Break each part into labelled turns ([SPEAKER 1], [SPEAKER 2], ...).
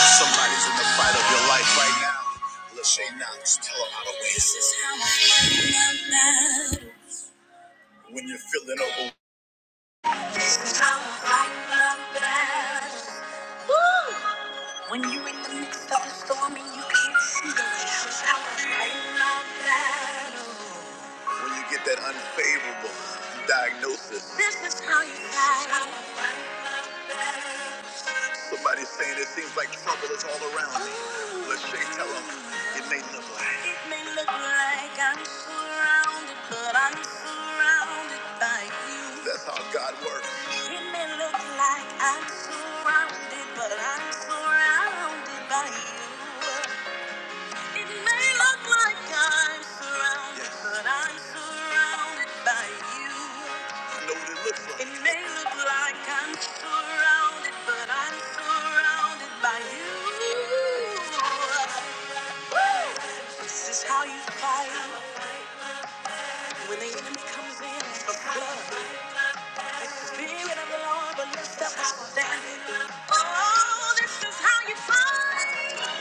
[SPEAKER 1] Somebody's in the fight of your life right now. Lachey Knox, tell them how to win. This is how I win my battle. When you're feeling over. This is how I fight my battle. Woo! When you're in the midst of a storm and you can't see the light. This is how I fight my battle. When you get that unfavorable diagnosis. This is how you fight. This is how I fight my battle. Somebody's saying it seems like trouble is all around me. Oh, Lachey, tell them it may look like. It may look like I'm surrounded, but I'm surrounded by you. That's how God works. It may look like I'm surrounded, but I'm surrounded by you. It may look like I'm surrounded, Yes. but I'm surrounded by you. It may look like I'm surrounded, but I'm surrounded by you. This is how you fight when the enemy comes in. for blood. The spirit of the Lord will lift up a standing. Oh, this is how you fight.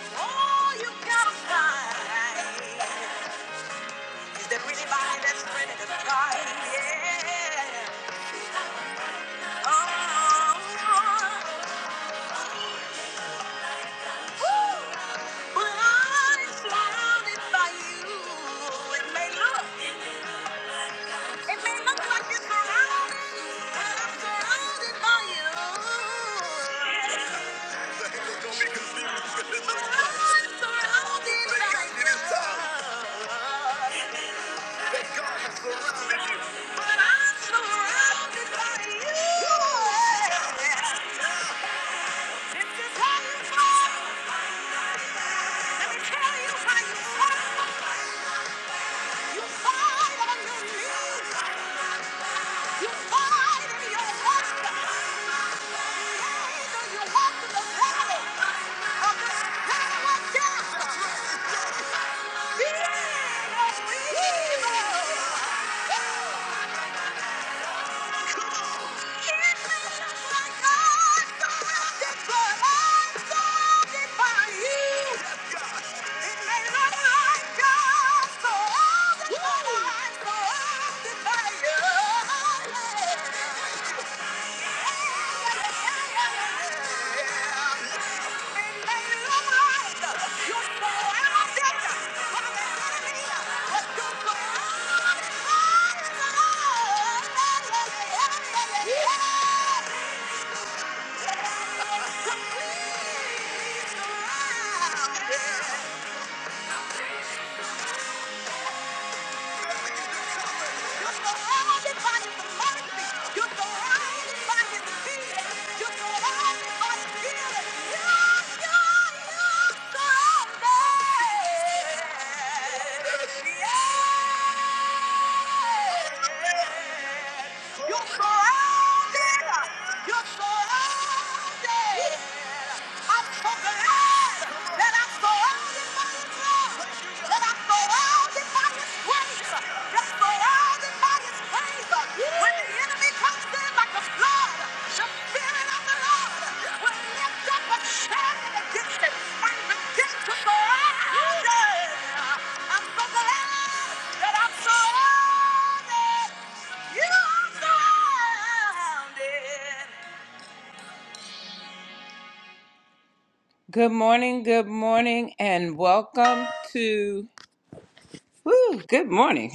[SPEAKER 1] Oh, you gotta fight. Is there anybody that's ready to fight? Yeah. Oh. But I'm surrounded by you. It may look, it may look like you're surrounded, but I'm surrounded by you. Don't be confused. But I'm surrounded by you. time. That God has you. But I'm surrounded by you. This is how you fight. Let me tell you how you fight. You fight on your knees. You fight and you walk the pain you walk the valley of the shadow of death. Fear no evil. Come on. Yeah! You're surrounded. You're surrounded. I'm so glad that I'm surrounded by His love. That I'm surrounded by His grace. That I'm surrounded by His favor. When the enemy comes in like Good morning and welcome to. Woo, good morning.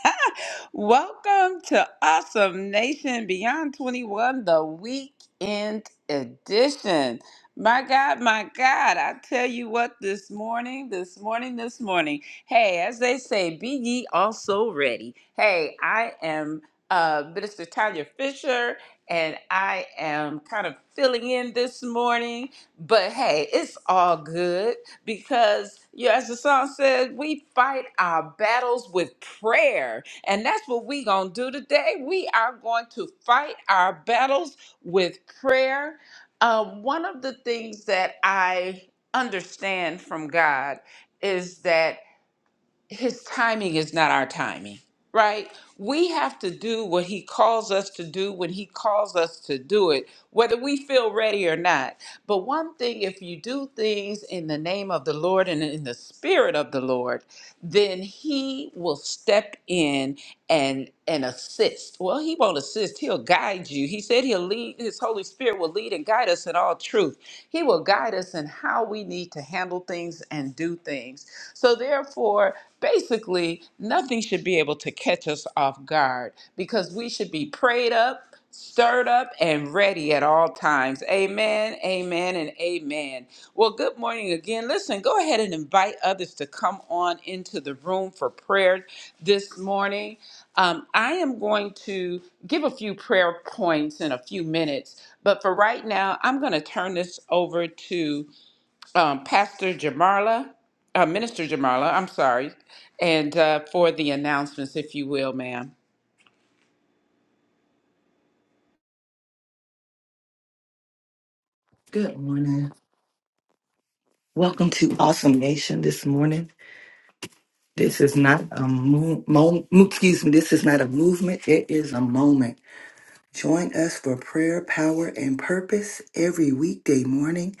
[SPEAKER 1] Welcome to Awesome Nation Beyond 21, the weekend edition. My God, my God, I tell you what, this morning, this morning, this morning. Hey, as they say, be ye also ready. Hey, I am uh, Minister Tanya Fisher, and I am kind of filling in this morning, but hey, it's all good because yeah, as the song says, we fight our battles with prayer. And that's what we're going to do today. We are going to fight our battles with prayer. Uh, one of the things that I understand from God is that his timing is not our timing, right? We have to do what he calls us to do when he calls us to do it, whether we feel ready or not. But one thing, if you do things in the name of the Lord and in the spirit of the Lord, then he will step in and and assist. Well, he won't assist, he'll guide you. He said he'll lead his Holy Spirit will lead and guide us in all truth. He will guide us in how we need to handle things and do things. So therefore therefore, basically, nothing should be able to catch us off guard because we should be prayed up, stirred up, and ready at all times. Amen, amen, and amen. Well, good morning again. Listen, go ahead and invite others to come on into the room for prayer this morning. Um, I am going to give a few prayer points in a few minutes, but for right now, I'm going to turn this over to um, Pastor Jamarla, uh, Minister Jamarla, I'm sorry, and uh, for the announcements, if you will, ma'am.
[SPEAKER 2] Good morning. Welcome to Awesome Nation this morning. This is not a mo- mo- excuse me, this is not a movement, it is a moment. Join us for prayer, power and purpose every weekday morning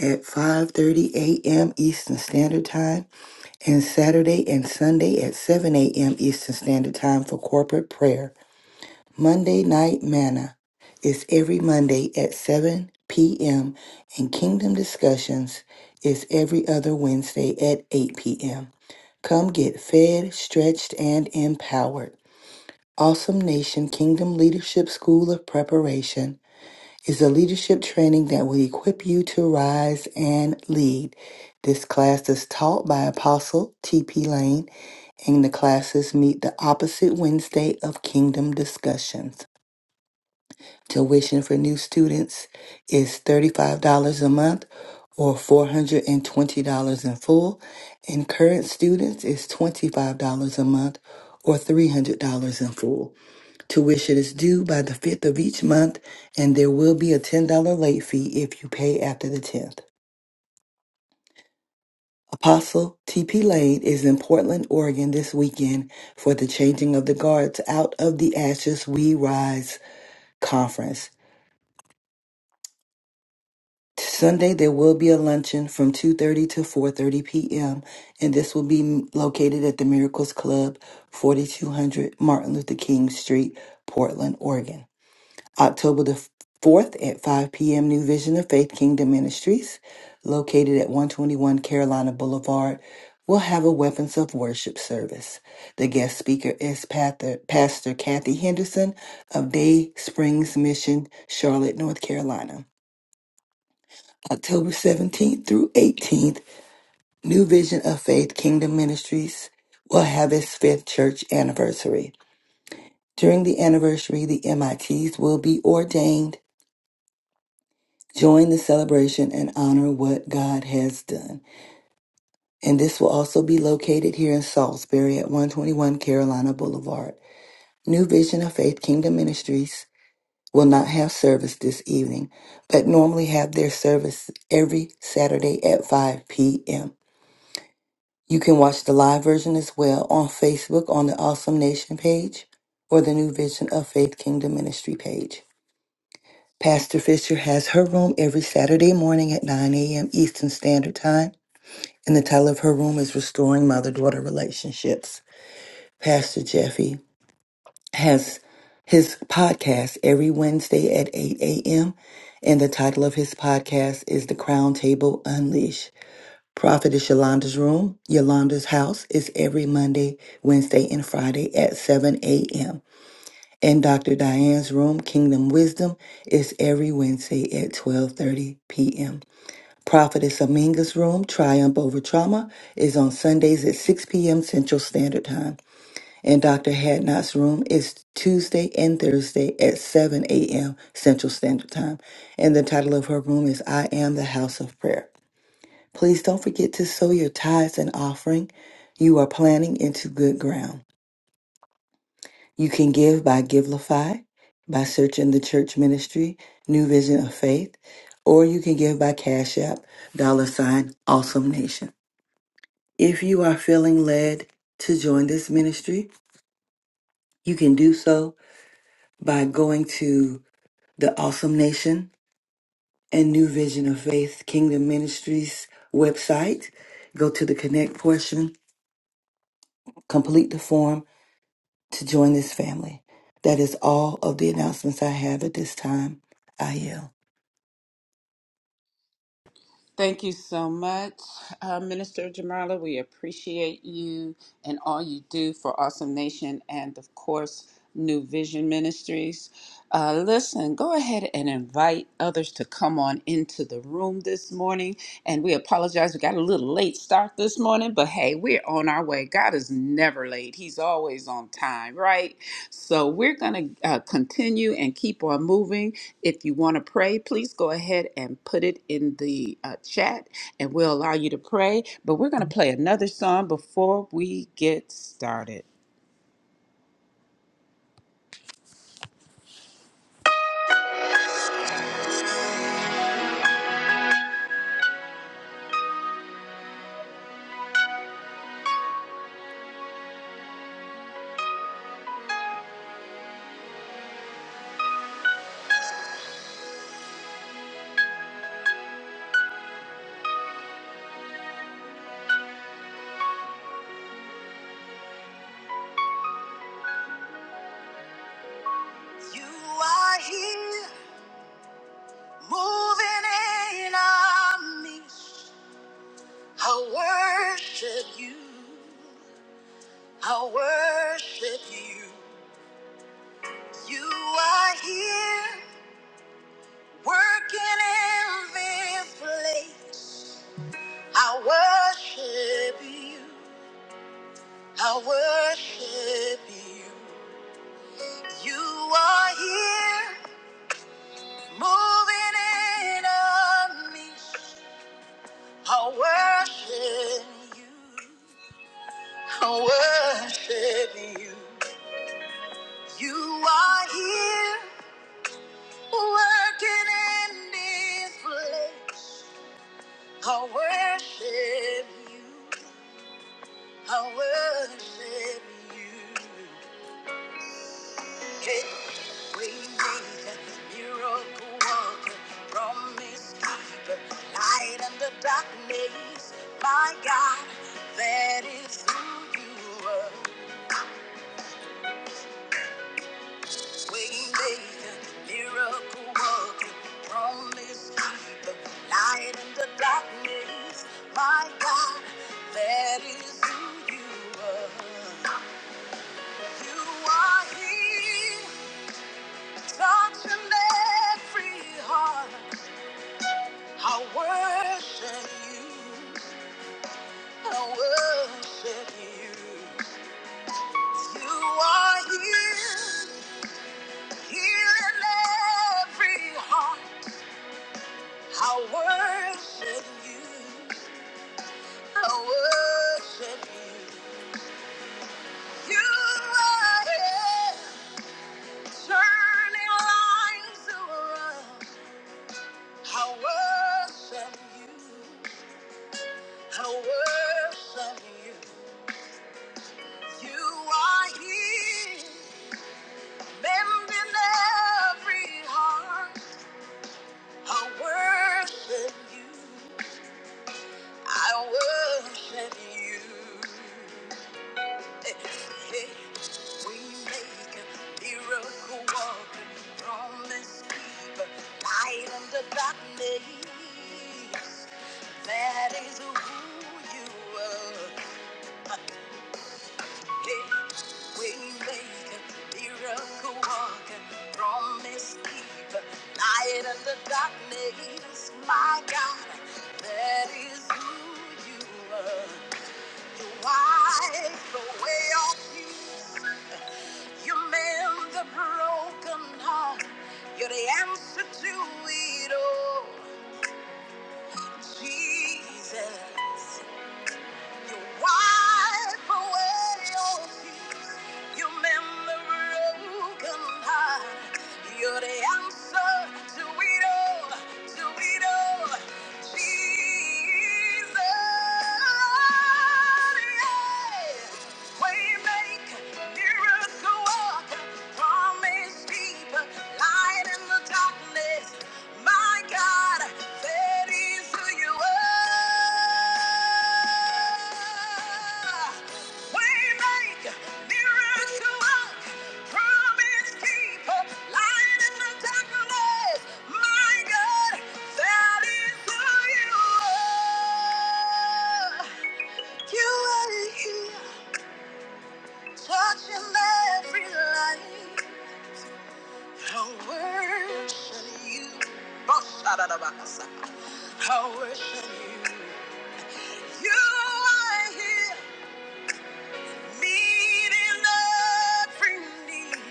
[SPEAKER 2] at 5:30 a.m. Eastern Standard Time and Saturday and Sunday at 7 a.m. Eastern Standard Time for corporate prayer. Monday Night Manna is every Monday at 7 p.m., and Kingdom Discussions is every other Wednesday at 8 p.m. Come get fed, stretched, and empowered. Awesome Nation Kingdom Leadership School of Preparation is a leadership training that will equip you to rise and lead. This class is taught by Apostle T.P. Lane, and the classes meet the opposite Wednesday of Kingdom Discussions. Tuition for new students is $35 a month or $420 in full, and current students is $25 a month or $300 in full. Tuition is due by the 5th of each month, and there will be a $10 late fee if you pay after the 10th. Apostle T.P. Lane is in Portland, Oregon this weekend for the Changing of the Guards Out of the Ashes We Rise conference. Sunday there will be a luncheon from 2:30 to 4:30 p.m. and this will be located at the Miracles Club, 4200 Martin Luther King Street, Portland, Oregon. October the 4th at 5 p.m. New Vision of Faith Kingdom Ministries, located at 121 Carolina Boulevard, will have a Weapons of Worship service. The guest speaker is Pather- Pastor Kathy Henderson of Day Springs Mission, Charlotte, North Carolina. October 17th through 18th, New Vision of Faith Kingdom Ministries will have its fifth church anniversary. During the anniversary, the MITs will be ordained. Join the celebration and honor what God has done. And this will also be located here in Salisbury at 121 Carolina Boulevard. New Vision of Faith Kingdom Ministries will not have service this evening, but normally have their service every Saturday at 5 p.m. You can watch the live version as well on Facebook on the Awesome Nation page or the New Vision of Faith Kingdom Ministry page. Pastor Fisher has her room every Saturday morning at 9 a.m. Eastern Standard Time, and the title of her room is Restoring Mother Daughter Relationships. Pastor Jeffy has his podcast every Wednesday at 8 a.m., and the title of his podcast is The Crown Table Unleashed. Prophetess Yolanda's Room, Yolanda's House, is every Monday, Wednesday, and Friday at 7 a.m. And Dr. Diane's Room, Kingdom Wisdom, is every Wednesday at 12.30 p.m. Prophetess Aminga's Room, Triumph Over Trauma, is on Sundays at 6 p.m. Central Standard Time. And Dr. Hadnot's Room is Tuesday and Thursday at 7 a.m. Central Standard Time. And the title of her room is I Am the House of Prayer. Please don't forget to sow your tithes and offering. You are planting into good ground. You can give by Givelify, by searching the church ministry, New Vision of Faith, or you can give by Cash App, dollar sign, Awesome Nation. If you are feeling led to join this ministry, you can do so by going to the Awesome Nation and New Vision of Faith Kingdom Ministries website. Go to the Connect portion, complete the form, to join this family. That is all of the announcements I have at this time. I yield.
[SPEAKER 1] Thank you so much, uh, Minister Jamarla. We appreciate you and all you do for Awesome Nation and, of course, New Vision Ministries. Uh, listen, go ahead and invite others to come on into the room this morning. And we apologize, we got a little late start this morning, but hey, we're on our way. God is never late, He's always on time, right? So we're going to uh, continue and keep on moving. If you want to pray, please go ahead and put it in the uh, chat and we'll allow you to pray. But we're going to play another song before we get started. You are here, moving in our midst. I worship you. I worship you. You are here, working in this place. I worship you. I worship you. You are here, moving in on me. I worship you. I worship you. You are here, working in this place. I worship you. I worship you. Hey, we need a miracle worker, promise keeper, light in the darkness. My God, that is who you are. We need a miracle worker, promise keeper, light in the darkness. My God, that is who you are. You are here, touching every heart. I worship you. I worship you. You are here, healing every heart. I worship you. I worship you. You are here, turning lives around. I worship you. I worship you. You are here. Mend in every heart, I worship you. I worship you. Hey, hey, We make a miracle walker, promise keeper, light in the darkness. That is who you are. Waymaker, miracle worker, promise keeper, light in the darkness, my God, that is who you are. You wipe away all tears. You mend the broken heart. You're the answer to it all, Jesus. You wipe away your tears. You mend the broken heart. You're the answer to it all, to it all. Jesus, yeah. Waymaker, miracle worker, promise keeper, light in the dark. My God, that is who you are. Waymaker, miracle worker, promise keeper, light in the darkness. My God, that is who you are. You are here, touching every life. How worship you. Boshadadabakasa. How worship you. You are here, meeting every need.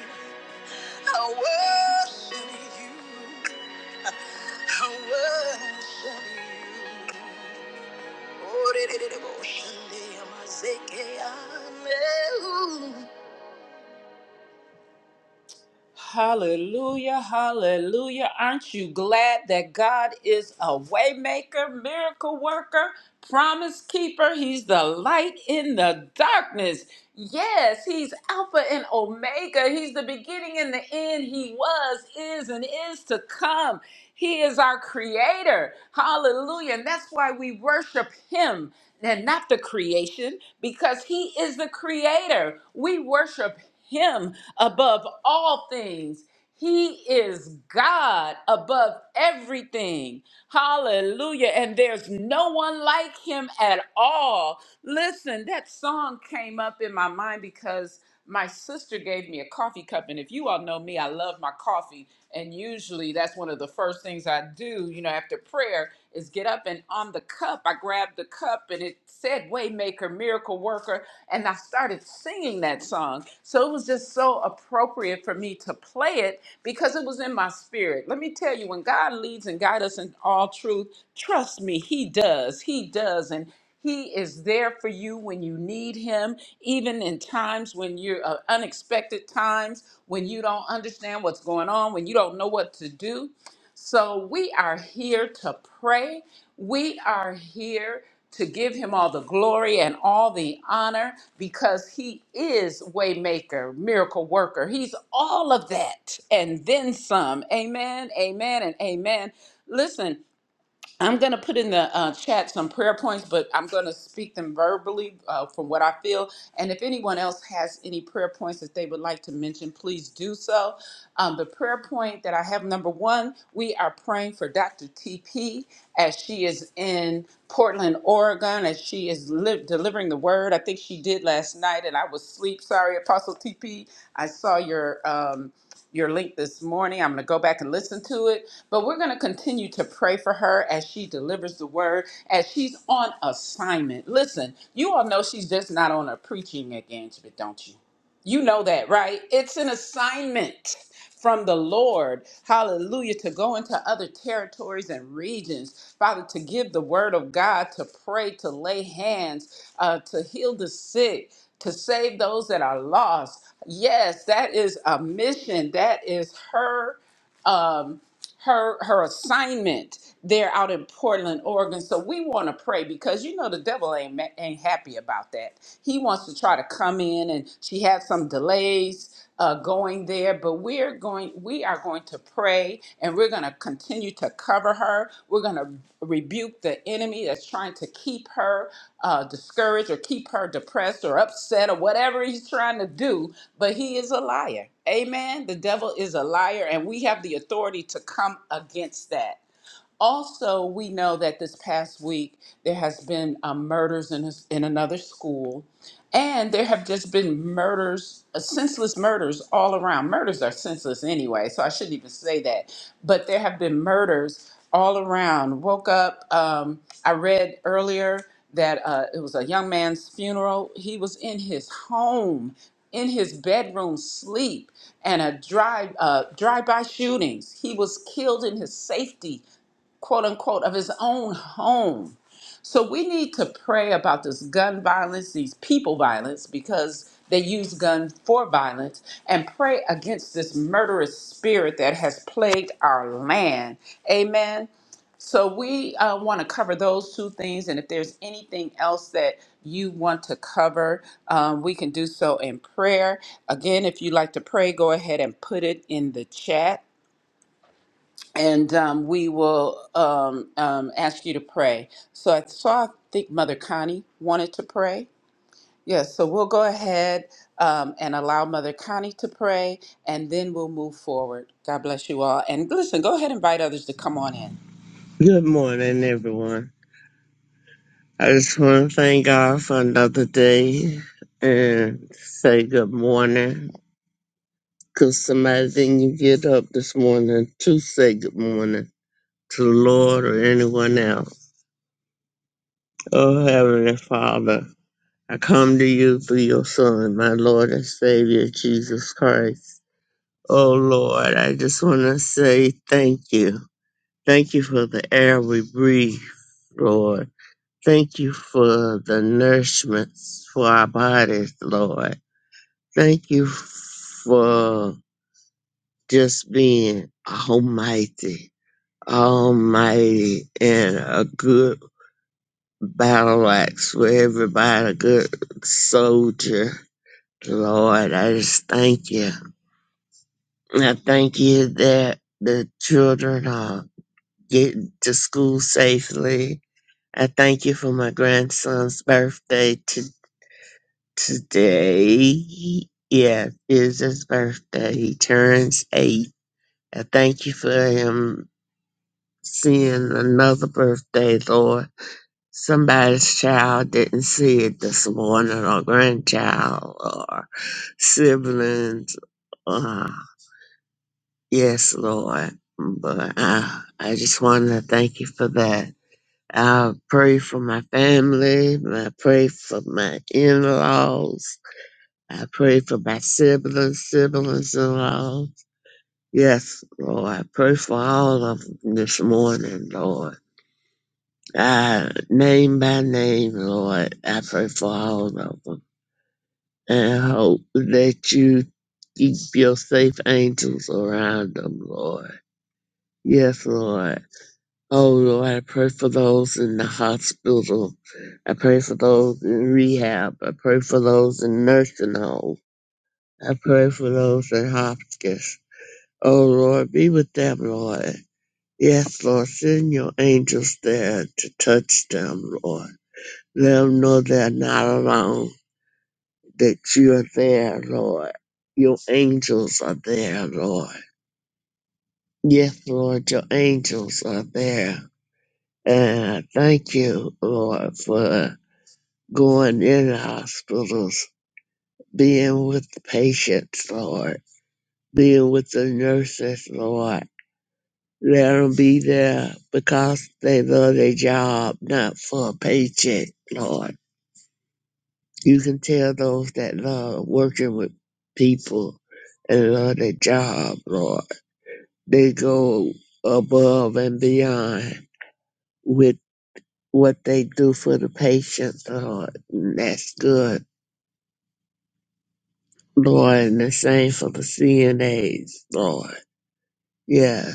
[SPEAKER 1] How worship you. How worship you. Oh, re- re- re- re- worship you. Amazekeya. Hallelujah, hallelujah. Aren't you glad that God is a waymaker, miracle worker, promise keeper? He's the light in the darkness. Yes, he's Alpha and Omega. He's the beginning and the end. He was, is, and is to come. He is our creator. Hallelujah. And that's why we worship him and not the creation because he is the creator. We worship him above all things. He is God above everything. Hallelujah. And there's no one like him at all. Listen, that song came up in my mind because my sister gave me a coffee cup. And if you all know me, I love my coffee. And usually that's one of the first things I do, you know, after prayer there is get up and on the cup, I grabbed the cup and it said Waymaker, Miracle Worker, and I started singing that song. So it was just so appropriate for me to play it because it was in my spirit. Let me tell you, when God leads and guides us in all truth, trust me, He does. He does. And he is there for you when you need him, even in times when you're uh, unexpected times, when you don't understand what's going on, when you don't know what to do. So we are here to pray. We are here to give him all the glory and all the honor because he is waymaker, miracle worker. He's all of that and then some. Amen. Amen and amen. Listen, I'm going to put in the uh, chat some prayer points, but I'm going to speak them verbally uh, from what I feel. And if anyone else has any prayer points that they would like to mention, please do so. Um, the prayer point that I have number one, we are praying for Dr. TP as she is in Portland, Oregon, as she is li- delivering the word. I think she did last night, and I was asleep. Sorry, Apostle TP. I saw your. Um, your link this morning. I'm going to go back and listen to it. But we're going to continue to pray for her as she delivers the word, as she's on assignment. Listen, you all know she's just not on a preaching engagement, don't you? You know that, right? It's an assignment from the Lord, hallelujah, to go into other territories and regions, Father, to give the word of God, to pray, to lay hands, uh, to heal the sick, to save those that are lost. Yes, that is a mission. That is her um, her her assignment there out in Portland, Oregon. So we want to pray because you know the devil ain't ma- ain't happy about that. He wants to try to come in, and she had some delays uh, going there. But we're going, we are going to pray, and we're going going to continue to cover her. We're going to rebuke the enemy that's trying to keep her uh, discouraged or keep her depressed or upset or whatever he's trying to do. But he is a liar. Amen. The devil is a liar, and we have the authority to come against that. Also, we know that this past week there has been um, murders in, his, in another school, and there have just been murders, uh, senseless murders all around. Murders are senseless anyway, so I shouldn't even say that. But there have been murders all around. Woke up. Um, I read earlier that uh, it was a young man's funeral. He was in his home, in his bedroom, sleep, and a drive uh, drive-by shootings. He was killed in his safety quote unquote, of his own home. So we need to pray about this gun violence, these people violence, because they use gun for violence, and pray against this murderous spirit that has plagued our land. Amen. So we uh, want to cover those two things, and if there's anything else that you want to cover, um, we can do so in prayer. Again, if you'd like to pray, go ahead and put it in the chat and um, we will um, um, ask you to pray. So I saw, I think Mother Connie wanted to pray. Yes, so we'll go ahead um, and allow Mother Connie to pray, and then we'll move forward. God bless you all. And listen, go ahead and invite others to come on in.
[SPEAKER 3] Good morning, everyone. I just want to thank God for another day and say good morning. 'Cause somebody didn't get up this morning to say good morning to the Lord or anyone else. Oh, Heavenly Father, I come to you through your Son, my Lord and Savior, Jesus Christ. Oh, Lord, I just want to say thank you. Thank you for the air we breathe, Lord. Thank you for the nourishment for our bodies, Lord. Thank you for just being almighty, almighty, and a good battle axe for everybody, a good soldier, Lord. I just thank you. And I thank you that the children are getting to school safely. I thank you for my grandson's birthday today. Yeah, is his birthday. He turns eight. I thank you for him seeing another birthday, Lord. Somebody's child didn't see it this morning, or grandchild, or siblings. Uh, yes, Lord. But uh, I just want to thank you for that. I pray for my family. I pray for my in-laws. I pray for my siblings, siblings in law. Yes, Lord, I pray for all of them this morning, Lord. I, name by name, Lord, I pray for all of them. And I hope that you keep your safe angels around them, Lord. Yes, Lord. Oh, Lord, I pray for those in the hospital. I pray for those in rehab. I pray for those in nursing homes. I pray for those in hospice. O Lord, be with them, Lord. Yes, Lord, send your angels there to touch them, Lord. Let them know they're not alone, that you are there, Lord. Your angels are there, Lord. Yes, Lord, your angels are there. And I thank you, Lord, for going in hospitals, being with the patients, Lord, being with the nurses, Lord Let them be there because they love their job, not for a paycheck, Lord. You can tell those that love working with people and love their job, Lord. They go above and beyond with what they do for the patient, Lord. And That's good, Lord. And the same for the CNAs, Lord. Yeah.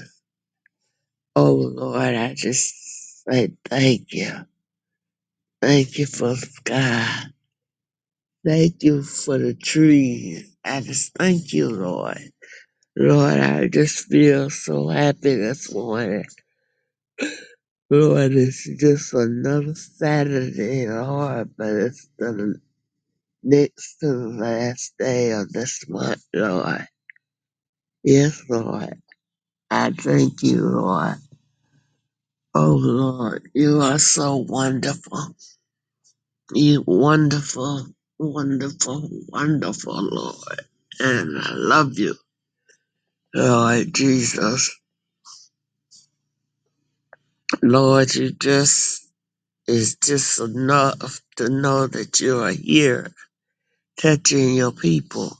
[SPEAKER 3] Oh, Lord, I just say thank you. Thank you for Sky. Thank you for the trees. I just thank you, Lord. Lord, I just feel so happy this morning. Lord, it's just another Saturday, Lord, but it's the next to the last day of this month, Lord. Yes, Lord. I thank you, Lord. Oh, Lord, you are so wonderful. You wonderful, wonderful, wonderful, Lord. And I love you. Lord Jesus. Lord, you just is just enough to know that you are here touching your people.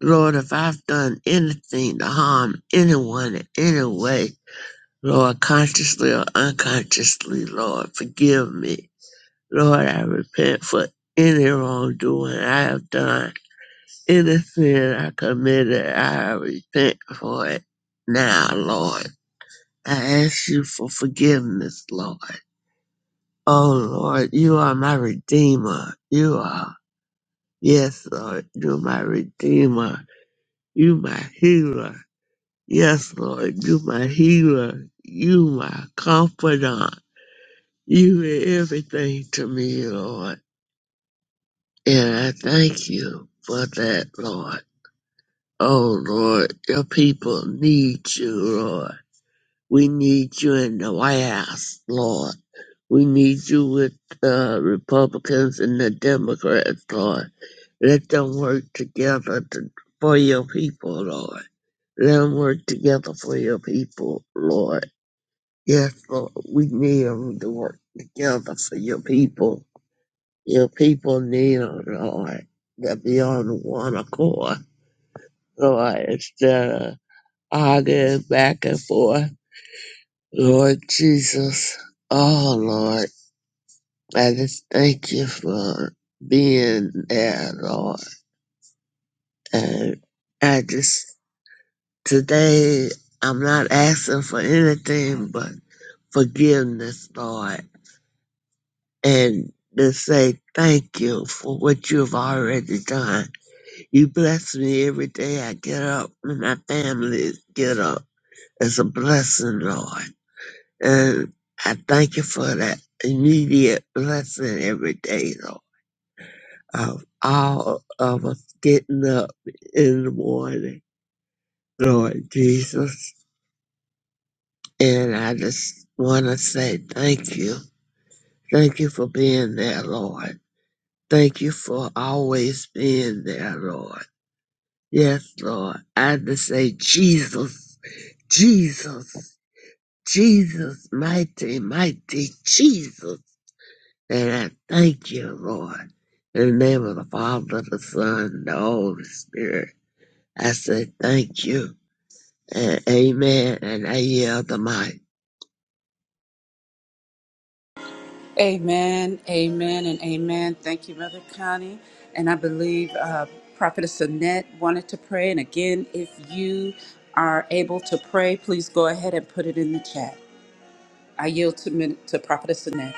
[SPEAKER 3] Lord, if I've done anything to harm anyone in any way, Lord, consciously or unconsciously, Lord, forgive me. Lord, I repent for any wrongdoing I have done, any sin I committed, I repent for it now, Lord. I ask you for forgiveness, Lord. Oh Lord, you are my redeemer. You are. Yes, Lord, you're my redeemer. You my healer. Yes, Lord, you my healer. You my confidant. You are everything to me, Lord. And I thank you for that, Lord. Oh Lord, your people need you, Lord. We need you in the White House, Lord. We need you with the Republicans and the Democrats, Lord. Let them work together to, for your people, Lord. Let them work together for your people, Lord. Yes, Lord, we need them to work together for your people. Your people need them, Lord, to be on one accord, Lord, instead of arguing back and forth. Lord Jesus, oh, Lord, I just thank you for being there, Lord. And I just Today, I'm not asking for anything but forgiveness, Lord, and to say thank you for what you have already done. You bless me every day I get up and my family get up. It's a blessing, Lord. And I thank you for that immediate blessing every day, Lord, of all of us getting up in the morning, Lord Jesus. And I just want to say thank you. Thank you for being there, Lord. Thank you for always being there, Lord. Yes, Lord. I just say, Jesus, Jesus, Jesus, mighty, mighty Jesus. And I thank you, Lord. In the name of the Father, the Son, the Holy Spirit, I say thank you. And amen. And I yield the mic.
[SPEAKER 1] Amen, amen, and amen. Thank you, Mother Connie. And I believe uh, Prophetess Annette wanted to pray. And again, if you are able to pray, please go ahead and put it in the chat. I yield to, Min- to Prophetess Annette.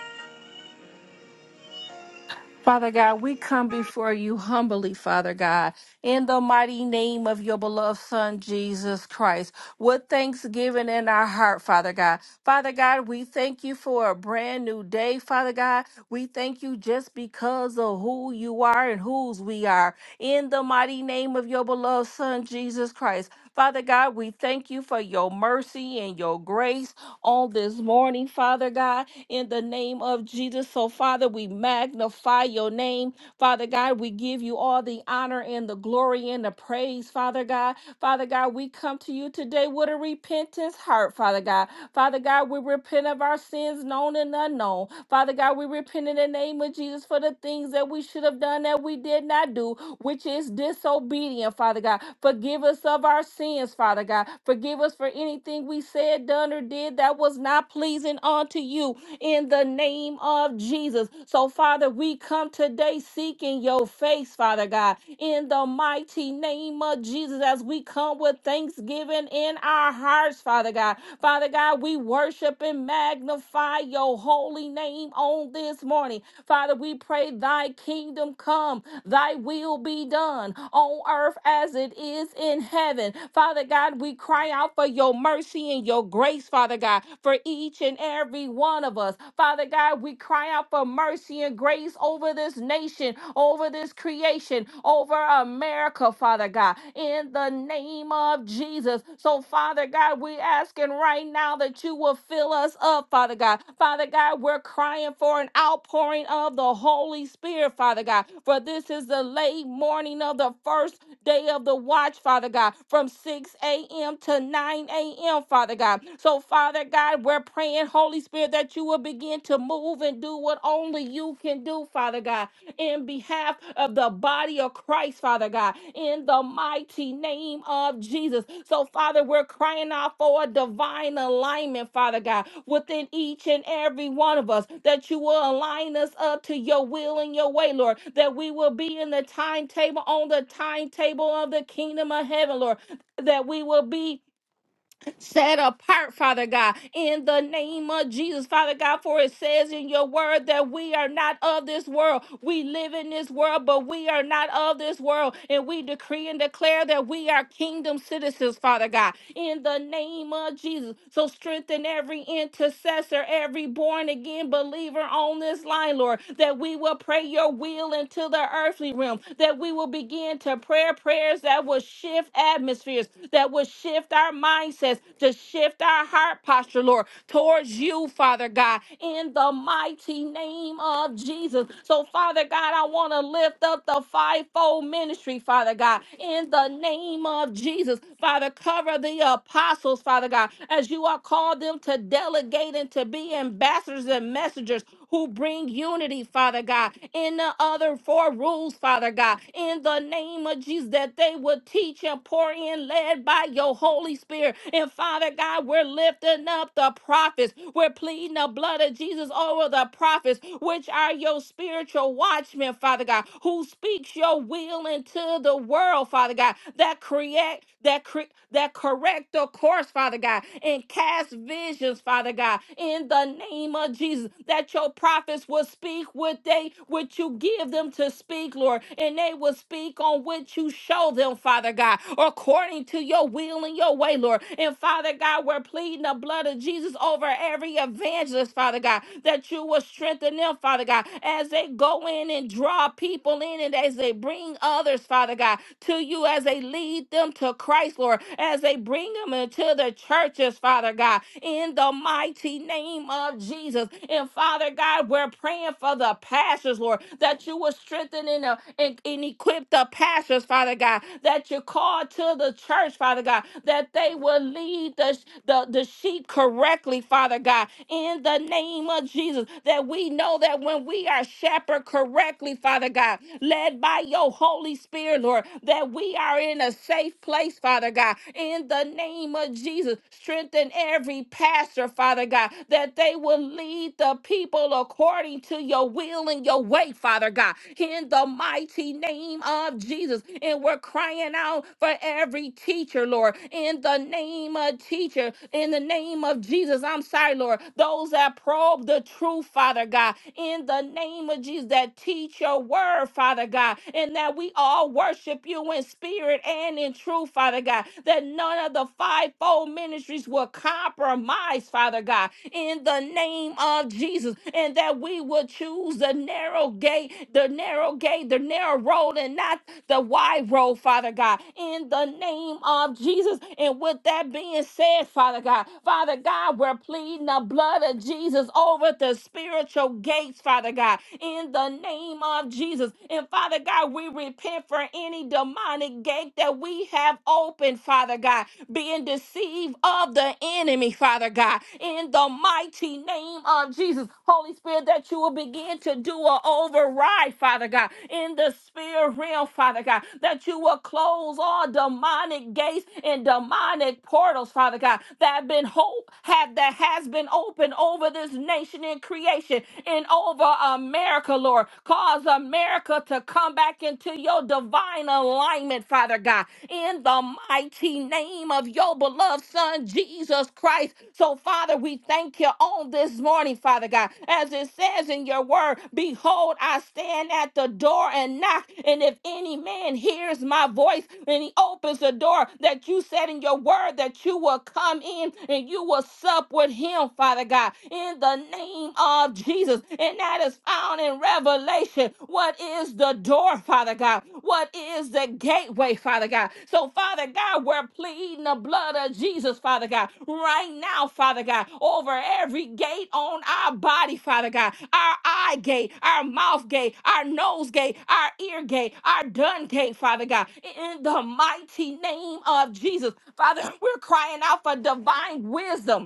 [SPEAKER 4] Father God, we come before you humbly, Father God, in the mighty name of your beloved Son, Jesus Christ, with thanksgiving in our heart, Father God. Father God, we thank you for a brand new day, Father God. We thank you just because of who you are and whose we are, in the mighty name of your beloved Son, Jesus Christ. Father God, we thank you for your mercy and your grace on this morning, Father God in the name of Jesus. So, Father, we magnify your name. Father God, we give you all the honor and the glory and the praise, Father God. Father God, we come to you today with a repentance heart, Father God. Father God, we repent of our sins known and unknown. Father God, we repent in the name of Jesus for the things that we should have done that we did not do, which is disobedient, Father God. Forgive us of our sins, Father God. Forgive us for anything we said, done, or did that was not pleasing unto you in the name of Jesus. So, Father, we come today seeking your face, Father God, in the mighty name of Jesus, as we come with thanksgiving in our hearts, Father God. Father God, we worship and magnify your holy name on this morning. Father, we pray thy kingdom come, thy will be done on earth as it is in heaven. Father God, we cry out for your mercy and your grace, Father God, for each and every one of us. Father God, we cry out for mercy and grace over this nation, over over this creation, over America, Father God, in the name of Jesus. So, Father God, we asking right now that you will fill us up, Father God. Father God, we're crying for an outpouring of the Holy Spirit, Father God, for this is the late morning of the first day of the watch, Father God, from 6 a.m. to 9 a.m., Father God. So, Father God, we're praying, Holy Spirit, that you will begin to move and do what only you can do, Father God in behalf of the body of Christ, Father God, in the mighty name of Jesus. So, Father, we're crying out for a divine alignment, Father God, within each and every one of us, that you will align us up to your will and your way, Lord, that we will be in the timetable, on the timetable of the kingdom of heaven, Lord, that we will be set apart, Father God, in the name of Jesus, Father God, for it says in your word that we are not of this world. We live in this world, but we are not of this world. And we decree and declare that we are kingdom citizens, Father God, in the name of Jesus. So strengthen every intercessor, every born again believer on this line, Lord, that we will pray your will into the earthly realm, that we will begin to pray prayers that will shift shift atmospheres, that would shift our mindsets, to shift our heart posture, Lord, towards you, Father God, in the mighty name of Jesus. So, Father God, I want to lift up the fivefold ministry, Father God, in the name of Jesus. Father, cover the apostles, Father God, as you are called them to delegate and to be ambassadors and messengers who bring unity, Father God, in the other four rules, Father God, in the name of Jesus, that they would teach and pour in, led by your Holy Spirit. And Father God, we're lifting up the prophets. We're pleading the blood of Jesus over the prophets, which are your spiritual watchmen, Father God, who speaks your will into the world, Father God, that create that cre- that correct the course, Father God, and cast visions, Father God, in the name of Jesus. That your prophets will speak what they what you give them to speak, Lord, and they will speak on what you show them, Father God, according to your will and your way, Lord. And Father God, we're pleading the blood of Jesus over every evangelist, Father God, that you will strengthen them, Father God, as they go in and draw people in and as they bring others, Father God, to you as they lead them to Christ, Lord, as they bring them into the church churches, Father God, in the mighty name of Jesus. And Father God, we're praying for the pastors, Lord, that you will strengthen and, uh, and, and equip the pastors, Father God, that you call to the church, Father God, that they will lead the, the, the sheep correctly, Father God, in the name of Jesus, that we know that when we are shepherd correctly, Father God, led by your Holy Spirit, Lord, that we are in a safe place, Father. Father God, in the name of Jesus. Strengthen every pastor, Father God, that they will lead the people according to your will and your way, Father God, in the mighty name of Jesus. And we're crying out for every teacher, Lord, in the name of teacher, in the name of Jesus. I'm sorry, Lord, those that probe the truth, Father God, in the name of Jesus, that teach your word, Father God, and that we all worship you you in spirit and in truth, Father God, that none of the fivefold ministries will compromise, Father God, in the name of Jesus, and that we will choose the narrow gate, the narrow gate, the narrow road, and not the wide road, Father God, in the name of Jesus. And with that being said, Father God, Father God, we're pleading the blood of Jesus over the spiritual gates, Father God, in the name of Jesus. And and Father God, we repent for any demonic gate that we have opened, Father God, being deceived of the enemy, Father God, in the mighty name of Jesus. Holy Spirit, that you will begin to do an override, Father God, in the spirit realm, Father God, that you will close all demonic gates and demonic portals, Father God, that have been hope have that has been opened over this nation in creation and over America. America, Lord. Cause America to come back into your divine alignment, Father God, in the mighty name of your beloved Son, Jesus Christ. So, Father, we thank you on this morning, Father God. As it says in your word, behold, I stand at the door and knock. And if any man hears my voice and he opens the door, that you said in your word that you will come in and you will sup with him, Father God, in the name of Jesus. And that is found in Revelation. What is the door, Father God? What is the gateway, Father God? So, Father God, we're pleading the blood of Jesus, Father God, right now, Father God, over every gate on our body, Father God, our eye gate, our mouth gate, our nose gate, our ear gate, our dun gate, Father God, in the mighty name of Jesus. Father, we're crying out for divine wisdom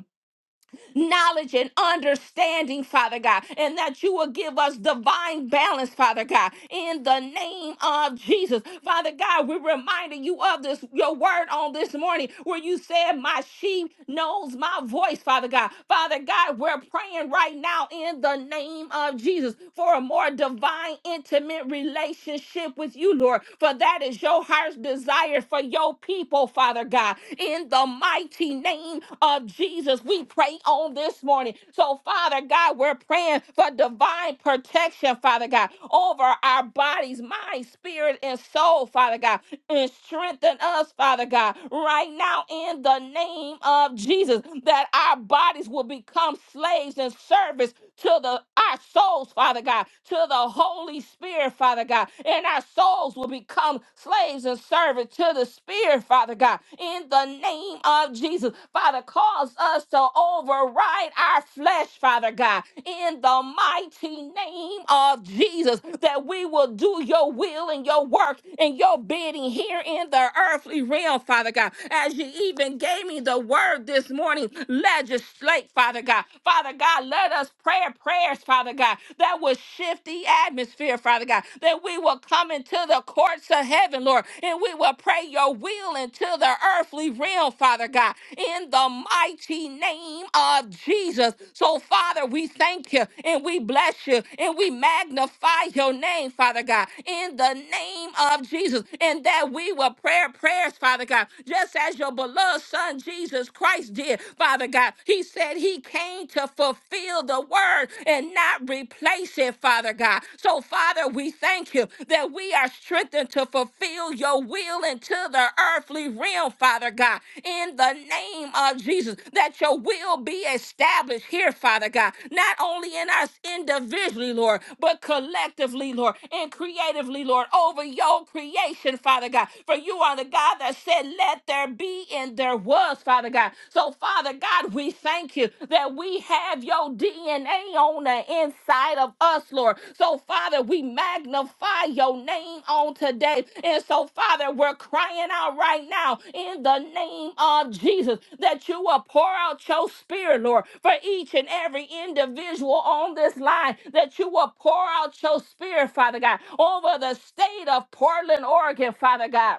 [SPEAKER 4] knowledge and understanding, Father God, and that you will give us divine balance, Father God, in the name of Jesus. Father God, we're reminding you of this, your word on this morning, where you said, My sheep knows my voice, Father God. Father God, we're praying right now in the name of Jesus for a more divine, intimate relationship with you, Lord, for that is your heart's desire for your people, Father God in the mighty name of Jesus. We pray on this morning. So, Father God, we're praying for divine protection, Father God, over our bodies, mind, spirit, and soul, Father God and strengthen us, Father God, right now in the name of Jesus, that our bodies will become slaves and service to the our souls, Father God, to the Holy Spirit, Father God, and our souls will become become slaves and servants to the Spirit, Father God. In the name of Jesus, Father, cause us to override our flesh, Father God. In the mighty name of Jesus, that we will do your will and your work and your bidding here in the earthly realm, Father God. As you even gave me the word this morning, legislate, Father God. Father God, let us pray prayers, Father God, that will shift the atmosphere, Father God, that we will come into the courts of heaven, Lord, and we will pray your will into the earthly realm, Father God, in the mighty name of Jesus. So, Father, we thank you and we bless you and we magnify your name, Father God, in the name of Jesus, and that we will pray prayers, Father God, just as your beloved Son Jesus Christ did, Father God. He said he came to fulfill fulfill the word and not replace it, Father God. So, Father, we thank you that we are strengthened to fulfill your will into the earthly realm, Father God, in the name of Jesus, that your will be established here, Father God, not only in us individually, Lord, but collectively, Lord, and creatively, Lord, over your creation, Father God. For you are the God that said, Let there be, and there was, Father. Father God. So, Father God, we thank you that we have your DNA on the inside of us, Lord. So, Father, we magnify your name on today. And so, Father, we're crying out right now in the name of Jesus that you will pour out your spirit, Lord, for each and every individual on this line, that you will pour out your spirit, Father God, over the state of Portland, Oregon, Father God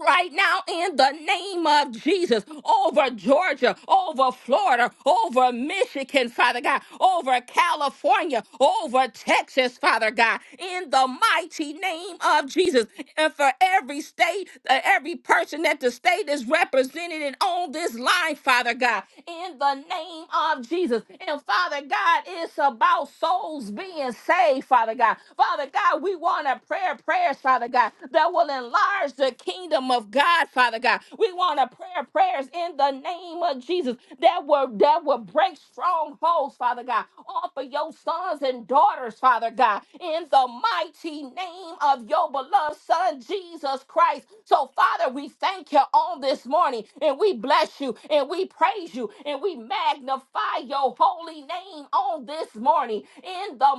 [SPEAKER 4] right now in the name of Jesus over Georgia, over Florida, over Michigan, Father God, over California, over Texas, Father God, in the mighty name of Jesus. And for every state, uh, every person that the state is represented and on this line, Father God, in the name of Jesus. And Father God, it's about souls being saved, Father God. Father God, we want to prayer prayers, Father God, that will enlarge the kingdom kingdom of God, Father God. We want to pray prayers in the name of Jesus that will that will break strongholds, Father God, off of your sons and daughters, Father God, in the mighty name of your beloved Son Jesus Christ. So, Father, we thank you on this morning and we bless you and we praise you and we magnify your holy name on this morning in the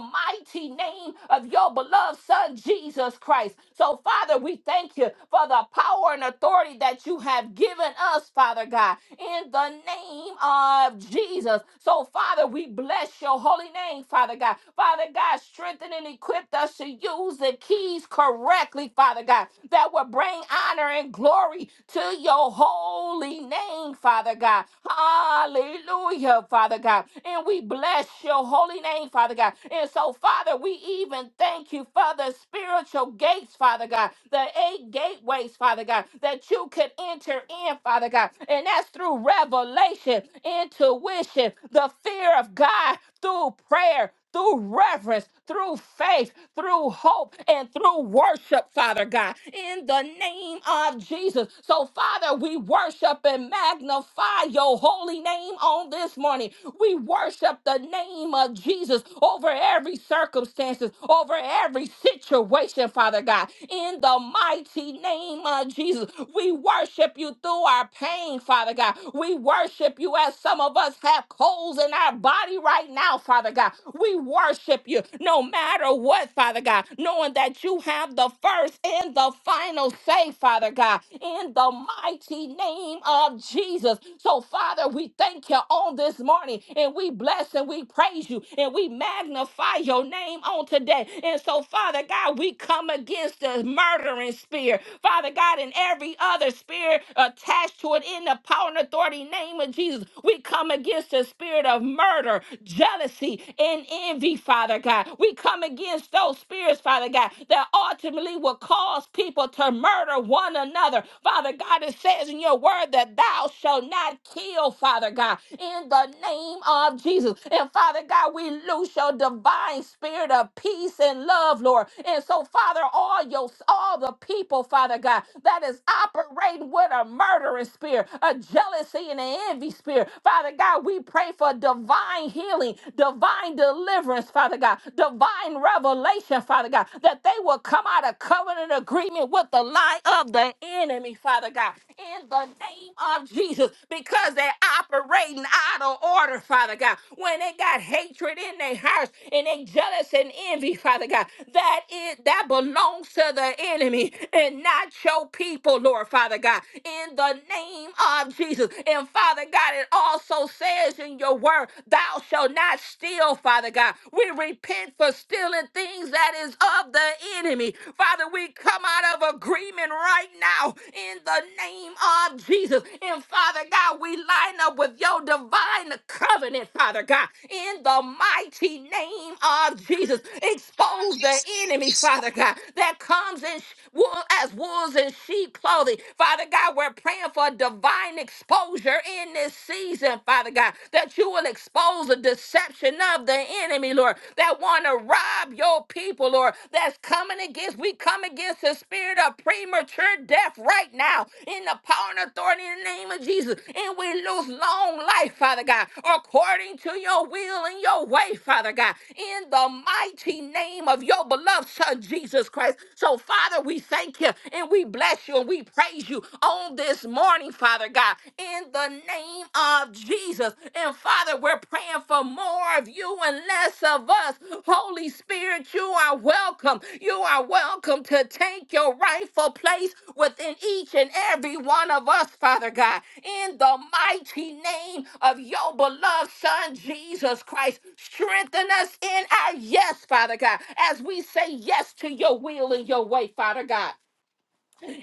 [SPEAKER 4] mighty name of your beloved Son Jesus Christ. So, Father, we thank you for the the power and authority that you have given us, Father God, in the name of Jesus. So, Father, we bless your holy name, Father God. Father God, strengthen and equip us to use the keys correctly, Father God, that will bring honor and glory to your holy name, Father God. Hallelujah, Father God. And we bless your holy name, Father God. And so, Father, we even thank you for the spiritual gates, Father God, the eight gateways, place, Father God, that you could enter in, Father God. And that's through revelation, intuition, the fear of God, through prayer, through reverence, through faith, through hope, and through worship, Father God, in the name of Jesus. So, Father, we worship and magnify your holy name on this morning. We worship the name of Jesus over every circumstances, over every situation, Father God, in the mighty name name of Jesus. We worship you through our pain, Father God. We worship you as some of us have colds in our body right now, Father God. We worship you no matter what, Father God, knowing that you have the first and the final say, Father God, in the mighty name of Jesus. So, Father, we thank you on this morning and we bless and we praise you and we magnify your name on today. And so, Father God, we come against the murdering spirit. Father God, and every other spirit attached to it in the power and authority name of Jesus. We come against the spirit of murder, jealousy, and envy, Father God. We come against those spirits, Father God, that ultimately will cause people to murder one another. Father God, it says in your word that thou shalt not kill, Father God, in the name of Jesus. And Father God, we loose your divine spirit of peace and love, Lord. And so, Father, all your all the people, Father. Father God, that is operating with a murdering spirit, a jealousy and an envy spirit. Father God, we pray for divine healing, divine deliverance, Father God, divine revelation, Father God, that they will come out of covenant agreement with the lie of the enemy, Father God, in the name of Jesus, because they're operating out of order, Father God. When they got hatred in their hearts and they jealous and envy, Father God, that is that belongs to the enemy and not your people, Lord Father God, in the name of Jesus. And Father God, it also says in your word, thou shalt not steal, Father God. We repent for stealing things that is of the enemy. Father, we come out of agreement right now in the name of Jesus. And Father God, we line up with your divine covenant, Father God, in the mighty name of Jesus. Expose the enemy, Father God, that comes and sh- will as wolves in sheep clothing. Father God, we're praying for divine exposure in this season, Father God, that you will expose the deception of the enemy, Lord, that want to rob your people, Lord, that's coming against, we come against the spirit of premature death right now in the power and authority in the name of Jesus. And we lose long life, Father God, according to your will and your way, Father God, in the mighty name of your beloved Son, Jesus Christ. So, Father, we thank you thank you and we bless you and we praise you on this morning, Father God, in the name of Jesus. And Father, we're praying for more of you and less of us. Holy Spirit, you are welcome. You are welcome to take your rightful place within each and every one of us, Father God, in the mighty name of your beloved Son, Jesus Christ. Strengthen us in our yes, Father God, as we say yes to your will and your way, Father God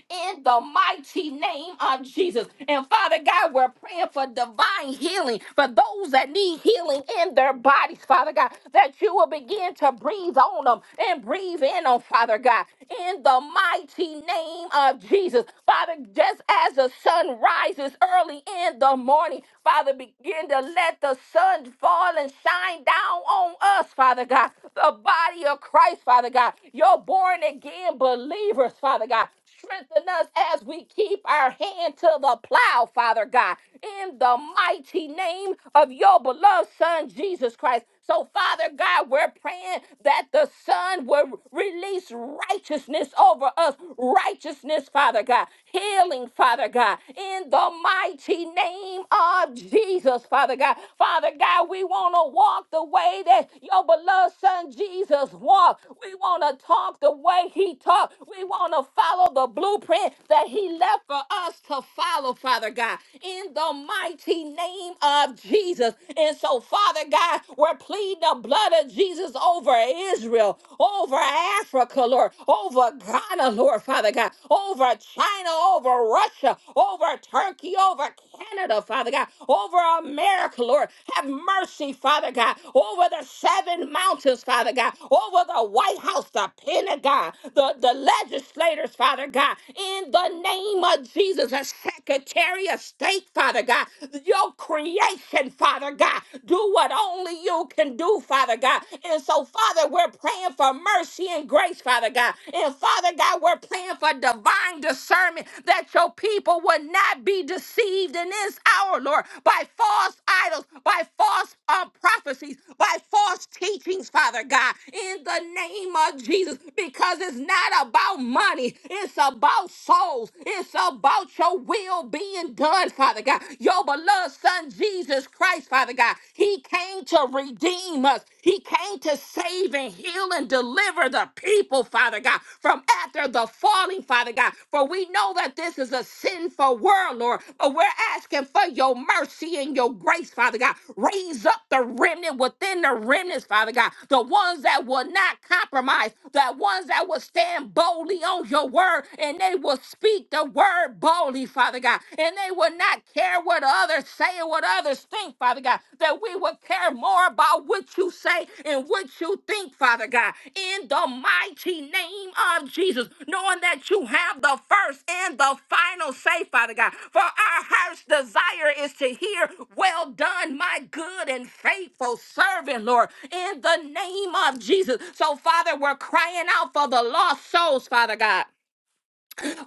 [SPEAKER 4] in the mighty name of Jesus. And Father God, we're praying for divine healing for those that need healing in their bodies, Father God, that you will begin to breathe on them and breathe in on Father God, in the mighty name of Jesus. Father, just as the sun rises early in the morning, Father, begin to let the sun fall and shine down on us, Father God, the body of Christ, Father God, your born again believers, Father God. Strengthen us as we keep our hand to the plow, Father God, in the mighty name of your beloved Son, Jesus Christ. So, Father God, we're praying that the Son will release righteousness over us. Righteousness, Father God. Healing, Father God. In the mighty name of Jesus, Father God. Father God, we want to walk the way that your beloved Son Jesus walked. We want to talk the way he talked. We want to follow follow the blueprint that He left for us to follow, Father God, in the mighty name of Jesus. And so, Father God, we're pleading the blood of Jesus over Israel, over Africa, Lord, over Ghana, Lord, Father God, over China, over Russia, over Turkey, over Canada, Father God, over America, Lord. Have mercy, Father God, over the seven mountains, Father God, over the White House, the Pentagon, the, the legislators, Father. Father God, in the name of Jesus, a Secretary of State, Father God, your creation, Father God, do what only you can do, Father God. And so, Father, we're praying for mercy and grace, Father God. And Father God, we're praying for divine discernment that your people would not be deceived in this hour, Lord, by false idols, by false um, prophecies, by false teachings, Father God, in the name of Jesus, because it's not about money, it's about souls, it's about your will being done, Father God. Your beloved Son, Jesus Christ, Father God, He came to redeem us, He came to save and heal and deliver the people, Father God, from after the falling, Father God. For we know that this is a sinful world, Lord, but we're asking for your mercy and your grace, Father God. Raise up the remnant within the remnants, Father God, the ones that will not compromise, the ones that will stand boldly on your word and they will speak the word boldly, Father God, and they will not care what others say or what others think, Father God that we would care more about what you say and what you think, Father God, in the mighty name of Jesus, knowing that you have the first and the final say, Father God. For our heart's desire is to hear, Well done, my good and faithful servant, Lord, in the name of Jesus. So, Father, we're crying out for the lost souls, Father God.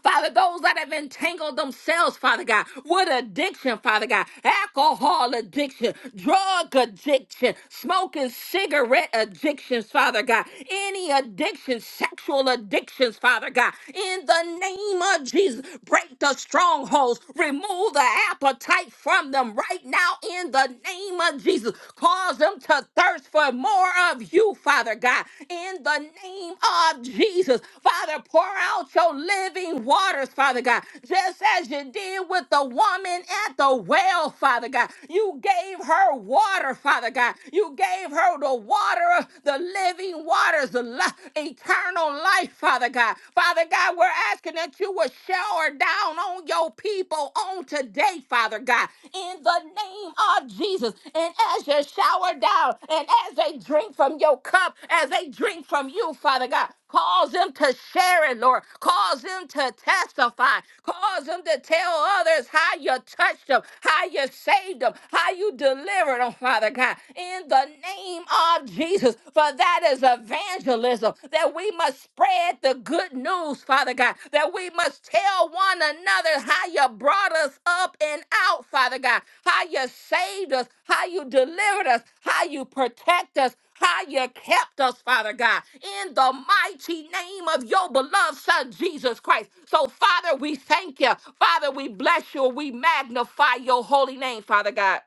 [SPEAKER 4] Father, those that have entangled themselves, Father God, with addiction, Father God, alcohol addiction, drug addiction, smoking cigarette addictions, Father God, any addiction, sexual addictions, Father God, in the name of Jesus, break the strongholds, remove the appetite from them right now in the name of Jesus. Cause them to thirst for more, more of you, Father God, in the name of Jesus. Father, pour out your living waters, Father God, just as you did with the woman at the well, Father God. You gave her water, Father God. You gave her the water, of the living waters, the li- eternal life, Father God. Father God, we're asking that you would shower down on your people, on today, Father God, in the name of Jesus. And as you shower down, and as they drink from your cup, as they drink from you, Father God, cause them to share it, Lord. Cause them to testify. Cause them to tell others how you touched them, how you saved them, how you delivered them, Father God, in the name of Jesus. For that is evangelism that we must spread the good news, Father God, that we must tell one another how you brought us up and out, Father God, how you saved us, how you delivered us, how you protect us. How you kept us, Father God, in the mighty name of your beloved Son, Jesus Christ. So, Father, we thank you. Father, we bless you. We magnify your holy name, Father God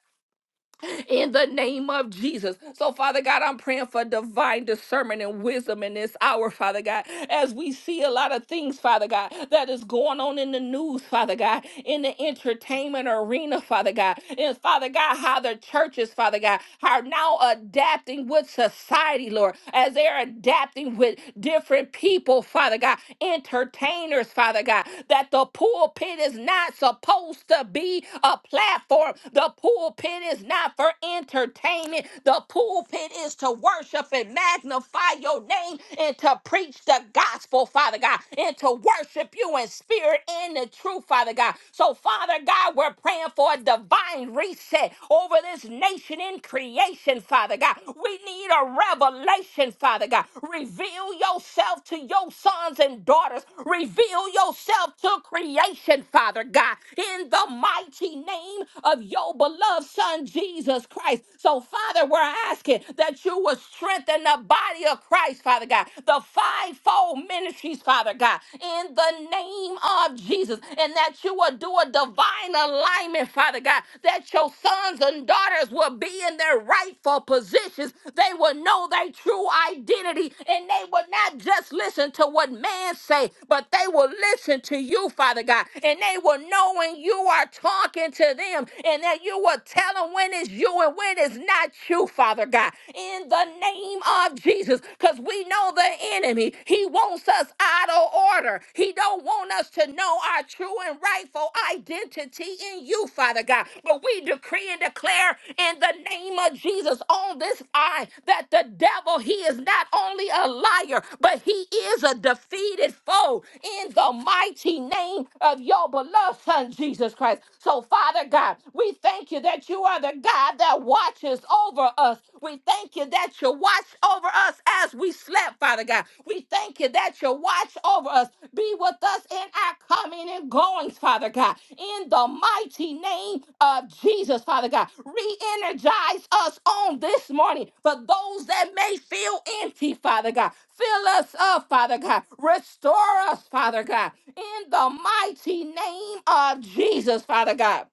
[SPEAKER 4] in the name of Jesus. So, Father God, I'm praying for divine discernment and wisdom in this hour, Father God, as we see a lot of things, Father God, that is going on in the news, Father God, in the entertainment arena, Father God, and Father God, how the churches, Father God, are now adapting with society, Lord, as they're adapting with different people, Father God, entertainers, Father God, that the pulpit is not supposed to be a platform. The pulpit is not for entertainment. The pulpit is to worship and magnify your name and to preach the gospel, Father God, and to worship you in spirit and the truth, Father God. So, Father God, we're praying for a divine reset over this nation in creation, Father God. We need a revelation, Father God. Reveal yourself to your sons and daughters. Reveal yourself to creation, Father God, in the mighty name of your beloved beloved Son, Jesus Christ. So, Father, we're asking that you will strengthen the body of Christ, Father God, the fivefold ministries, Father God, in the name of Jesus, and that you will do a divine alignment, Father God, that your sons and daughters will be in their rightful positions. They will know their true identity, and they will not just listen to what man say, but they will listen to you, Father God, and they will know when you are talking to them, and that you will tell them when it's you and when it's not you, Father God, in the name of Jesus, because we know the enemy. He wants us out of order. He don't want us to know our true and rightful identity in you, Father God. But we decree and declare in the name of Jesus on this eye that the devil, he is not only a liar, but he is a defeated foe in the mighty name of your beloved Son, Jesus Christ. So, Father God, God. We thank you that you are the God that watches over us. We thank you that you watch over us as we slept, Father God. We thank you that you watch over us. Be with us in our coming and goings, Father God. In the mighty name of Jesus, Father God. Re energize us on this morning for those that may feel empty, Father God. Fill us up, Father God. Restore us, Father God. In the mighty name of Jesus, Father God.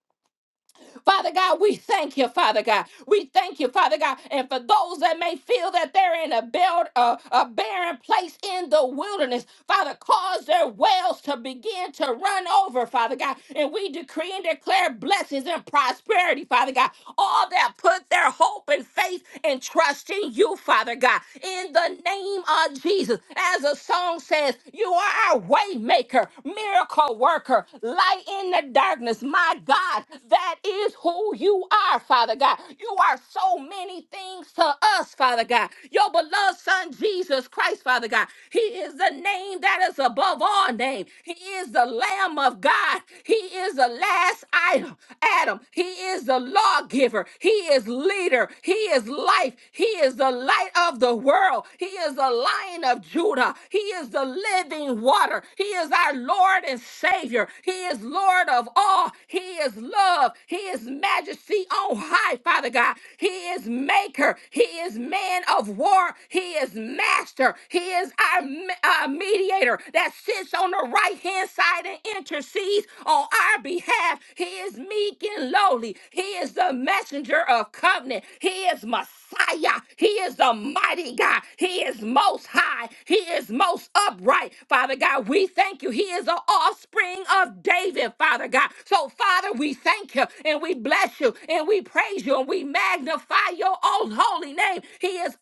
[SPEAKER 4] Father God, we thank you, Father God. We thank you, Father God. And for those that may feel that they're in a, build, uh, a barren place in the wilderness, Father, cause their wells to begin to run over, Father God. And we decree and declare blessings and prosperity, Father God. All that put their hope and faith and trust in you, Father God. In the name of Jesus, as the song says, you are our way maker, miracle worker, light in the darkness. My God, that is who you are, Father God. You are so many things to us, Father God. Your beloved Son, Jesus Christ, Father God. He is the name that is above all name. He is the Lamb of God. He is the last item, Adam. He is the lawgiver. He is leader. He is life. He is the light of the world. He is the lion of Judah. He is the living living water. He is our Lord and Savior. He is Lord of all. He is love. He is majesty on high, Father God. He is maker. He is man of war. He is master. He is our me- uh, mediator that sits on the right hand side and intercedes on our behalf. He is meek and lowly. He is the messenger of covenant. He is Messiah. Messiah. He is the mighty God. He is most high. He is most upright. Father God, we thank you. He is the offspring of David, Father God. So, Father, we thank you and we bless you and we praise you and we magnify your own holy name. He is omnipotent.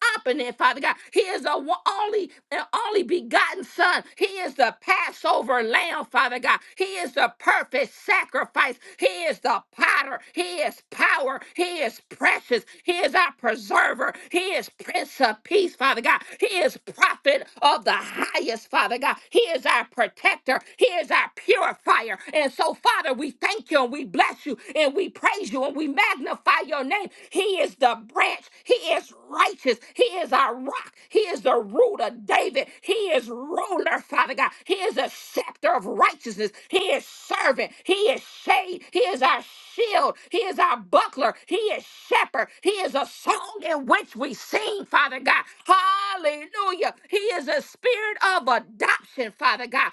[SPEAKER 4] Father God. He is the one- only and only begotten Son. He is the Passover lamb, Father God. He is the perfect sacrifice. He is the potter. He is power power. He is precious. He is our preserver. He is Prince of Peace, Father God. He is prophet of the highest, Father God. He is our protector. He is our purifier. And so, Father, we thank you and we bless you and we praise you and we magnify your name. He is the branch. He is righteous. He is our rock. He is the root of David. He is ruler, Father God. He is a scepter of righteousness. He is servant. He is shepherd shade. He is our shield. He is our buckler. He is shepherd. He is a song in which we sing, Father God. Hallelujah. He is a spirit of adoption, Father God.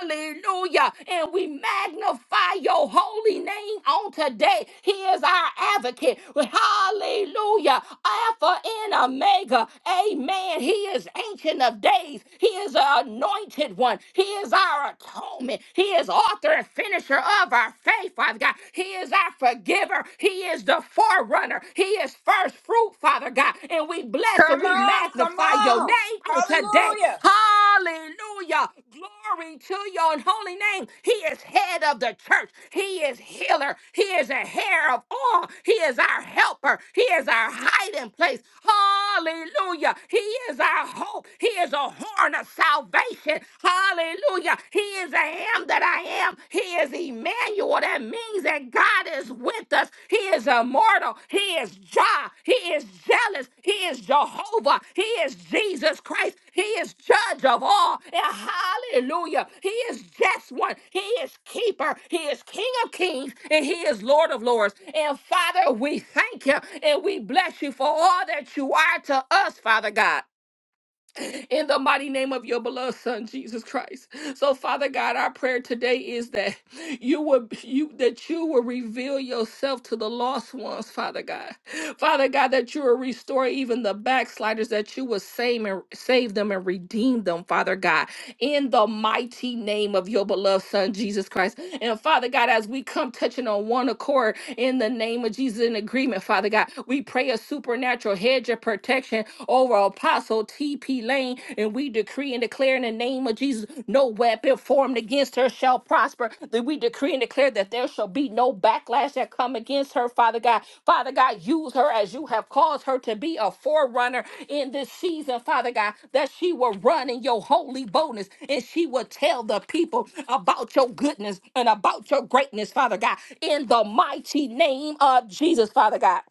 [SPEAKER 4] Hallelujah. And we magnify your holy name, praying on today. He is our advocate. Hallelujah. Alpha and Omega. Amen. He is ancient of days. He is the anointed one. He is our atonement. He is author and finisher of our faith, Father God. He is our forgiver. He is the forerunner. He is first fruit, Father God. And we bless
[SPEAKER 1] Come
[SPEAKER 4] and we
[SPEAKER 1] on, come
[SPEAKER 4] magnify your name
[SPEAKER 1] on.
[SPEAKER 4] today, on today.
[SPEAKER 1] Hallelujah.
[SPEAKER 4] Hallelujah. Glory to your holy name. He is head of the church. He is healer. He is a hair of all. He is our helper. He is our hiding place. Hallelujah. He is our hope. He is a horn of salvation. Hallelujah. He is I am that I am. He is Emmanuel, that means that God is with us. He is immortal. He is Jah. He is jealous. He is Jehovah. He is Jesus Christ. He is judge of all. And hallelujah. He is just one. He is keeper. He is King of kings and he is Lord of lords. And Father, we thank you and we bless you for all that you are to us, Father God in the mighty name of your beloved son Jesus Christ. So Father God, our prayer today is that you would you that you will reveal yourself to the lost ones, Father God. Father God, that you will restore even the backsliders, that you will save and save them and redeem them, Father God, in the mighty name of your beloved son Jesus Christ. And Father God, as we come touching on one accord in the name of Jesus in agreement, Father God, we pray a supernatural hedge of protection protection over Apostle T.P. Lane. And we decree and declare in the name of Jesus, no weapon formed against her shall prosper. That we decree and declare that there shall be no backlash that come against her, Father God. Father God, use her as you have caused her to be a forerunner in this season, Father God, that she will run in your holy boldness and she will tell the people about your goodness and about your greatness, Father God, in the mighty name of Jesus, Father God.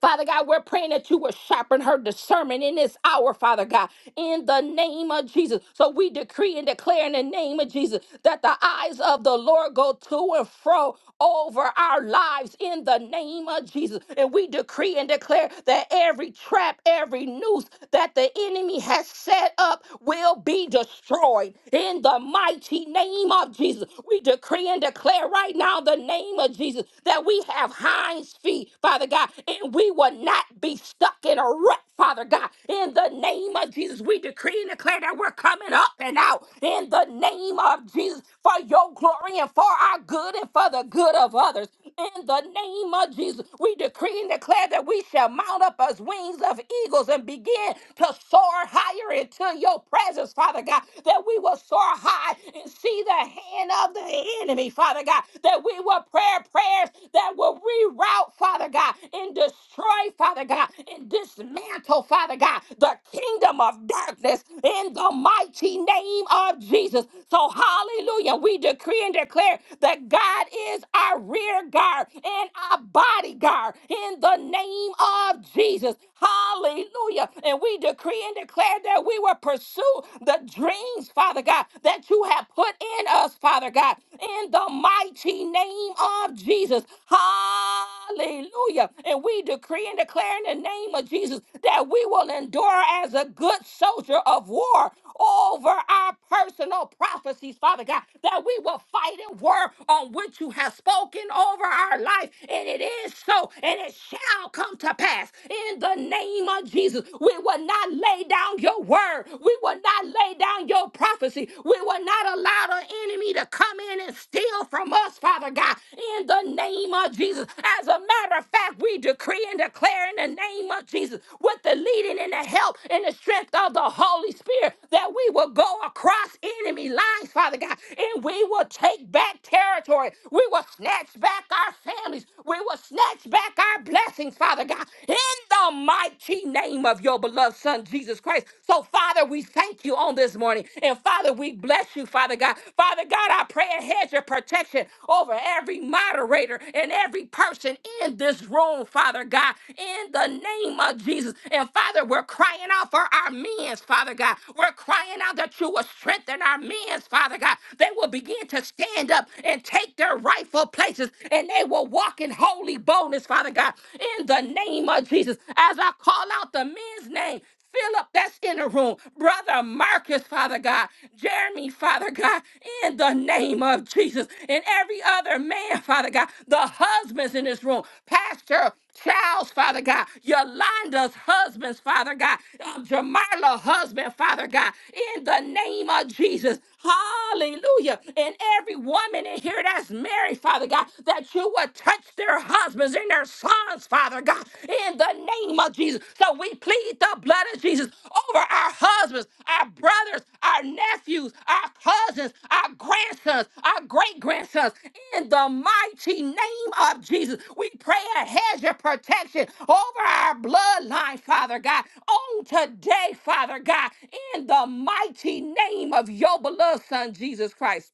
[SPEAKER 4] Father God, we're praying that you will sharpen her discernment in this hour, Father God, in the name of Jesus. So we decree and declare in the name of Jesus that the eyes of the Lord go to and fro over our lives in the name of Jesus. And we decree and declare that every trap, every noose that the enemy has set up will be destroyed in the mighty name of Jesus. We decree and declare right now the name of Jesus that that we have hinds feet, Father God, and we will not be stuck in a rut, Father God. In the name of Jesus, we decree and declare that we're coming up and out in the name of Jesus for your glory and for our good and for the good of others. In the name of Jesus, we decree and declare that we shall mount up as wings of eagles and begin to soar higher into your presence, Father God, that we will soar high and see the hand of the enemy enemy, Father God, that we will pray prayers that will reroute, Father God, and destroy, Father God, and dismantle, Father God, the kingdom of darkness in the mighty name of Jesus. So, hallelujah, we decree and declare that God is our rear guard and our bodyguard in the name of Jesus. Hallelujah. And we decree and declare that we will pursue the dreams, Father God, God, that you have put in us, Father God, in the mighty name of Jesus. Hallelujah. And we decree and declare in the name of Jesus that we will endure as a good soldier of war over our personal prophecies, Father God, that we will fight and work on which you have spoken over our life. And it is so, and it shall come to pass in the name of Jesus. We will not lay down your word word. We will not lay down your prophecy. We will not allow the enemy to come in and steal from us, Father God, in the name of Jesus. As a matter of fact, we decree and declare in the name of Jesus with the leading and the help and the strength of the Holy Spirit that we will go across enemy lines, Father God, and we will take back territory. We will snatch back our families. We will snatch back our blessings, Father God, in the mighty mighty name of your beloved Son, Jesus Christ. So, Father, we thank you on this morning. And, Father, we bless you, Father God. Father God, I pray a hedge of protection over every moderator and every person in this room, Father God, in the name of Jesus. And, Father, we're crying out for our men, Father God. We're crying out that you will strengthen our men, Father God. They will begin to stand up and take their rightful places and they will walk in holy boldness, Father. Father God, in the name of Jesus, as I call out the men's name, Philip, that's in the room. Brother Marcus, Father God. Jeremy, Father God, in the name of Jesus. And every other man, Father God. The husbands in this room. Pastor Charles, Father God. Yolanda's husbands, Father God. Um, Jamarla, husband, Father God in the name of Jesus. Hallelujah. And every woman in here that's married, Father God, that you would touch their husbands and their sons, Father God, in the name of Jesus. So we plead the blood of Jesus over our husbands, our brothers, our nephews, our cousins, our grandsons, our great grandsons. In the mighty name of Jesus, we pray a hedge of protection over our bloodline, Father God, on today, Father God, in the mighty name of your beloved Son, Jesus Christ.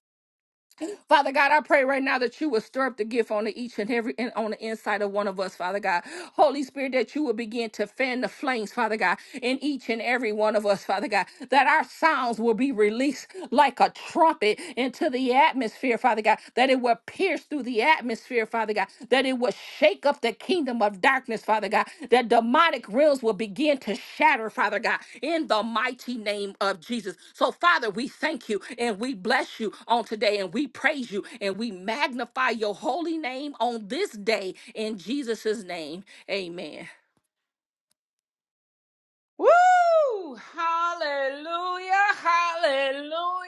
[SPEAKER 4] Father God, I pray right now that you will stir up the gift on the each and every and on the inside of one of us, Father God. Holy Spirit, that you will begin to fan the flames, Father God, in each and every one of us, Father God. That our sounds will be released like a trumpet into the atmosphere, Father God. That it will pierce through the atmosphere, Father. Father God, that it will shake up the kingdom of darkness, Father God, that demonic realms will begin to shatter, Father God, in the mighty name of Jesus. So, Father, we thank you and we bless you on today and we praise you and we magnify your holy name on this day in Jesus' name. Amen.
[SPEAKER 1] Woo! Hallelujah! Hallelujah!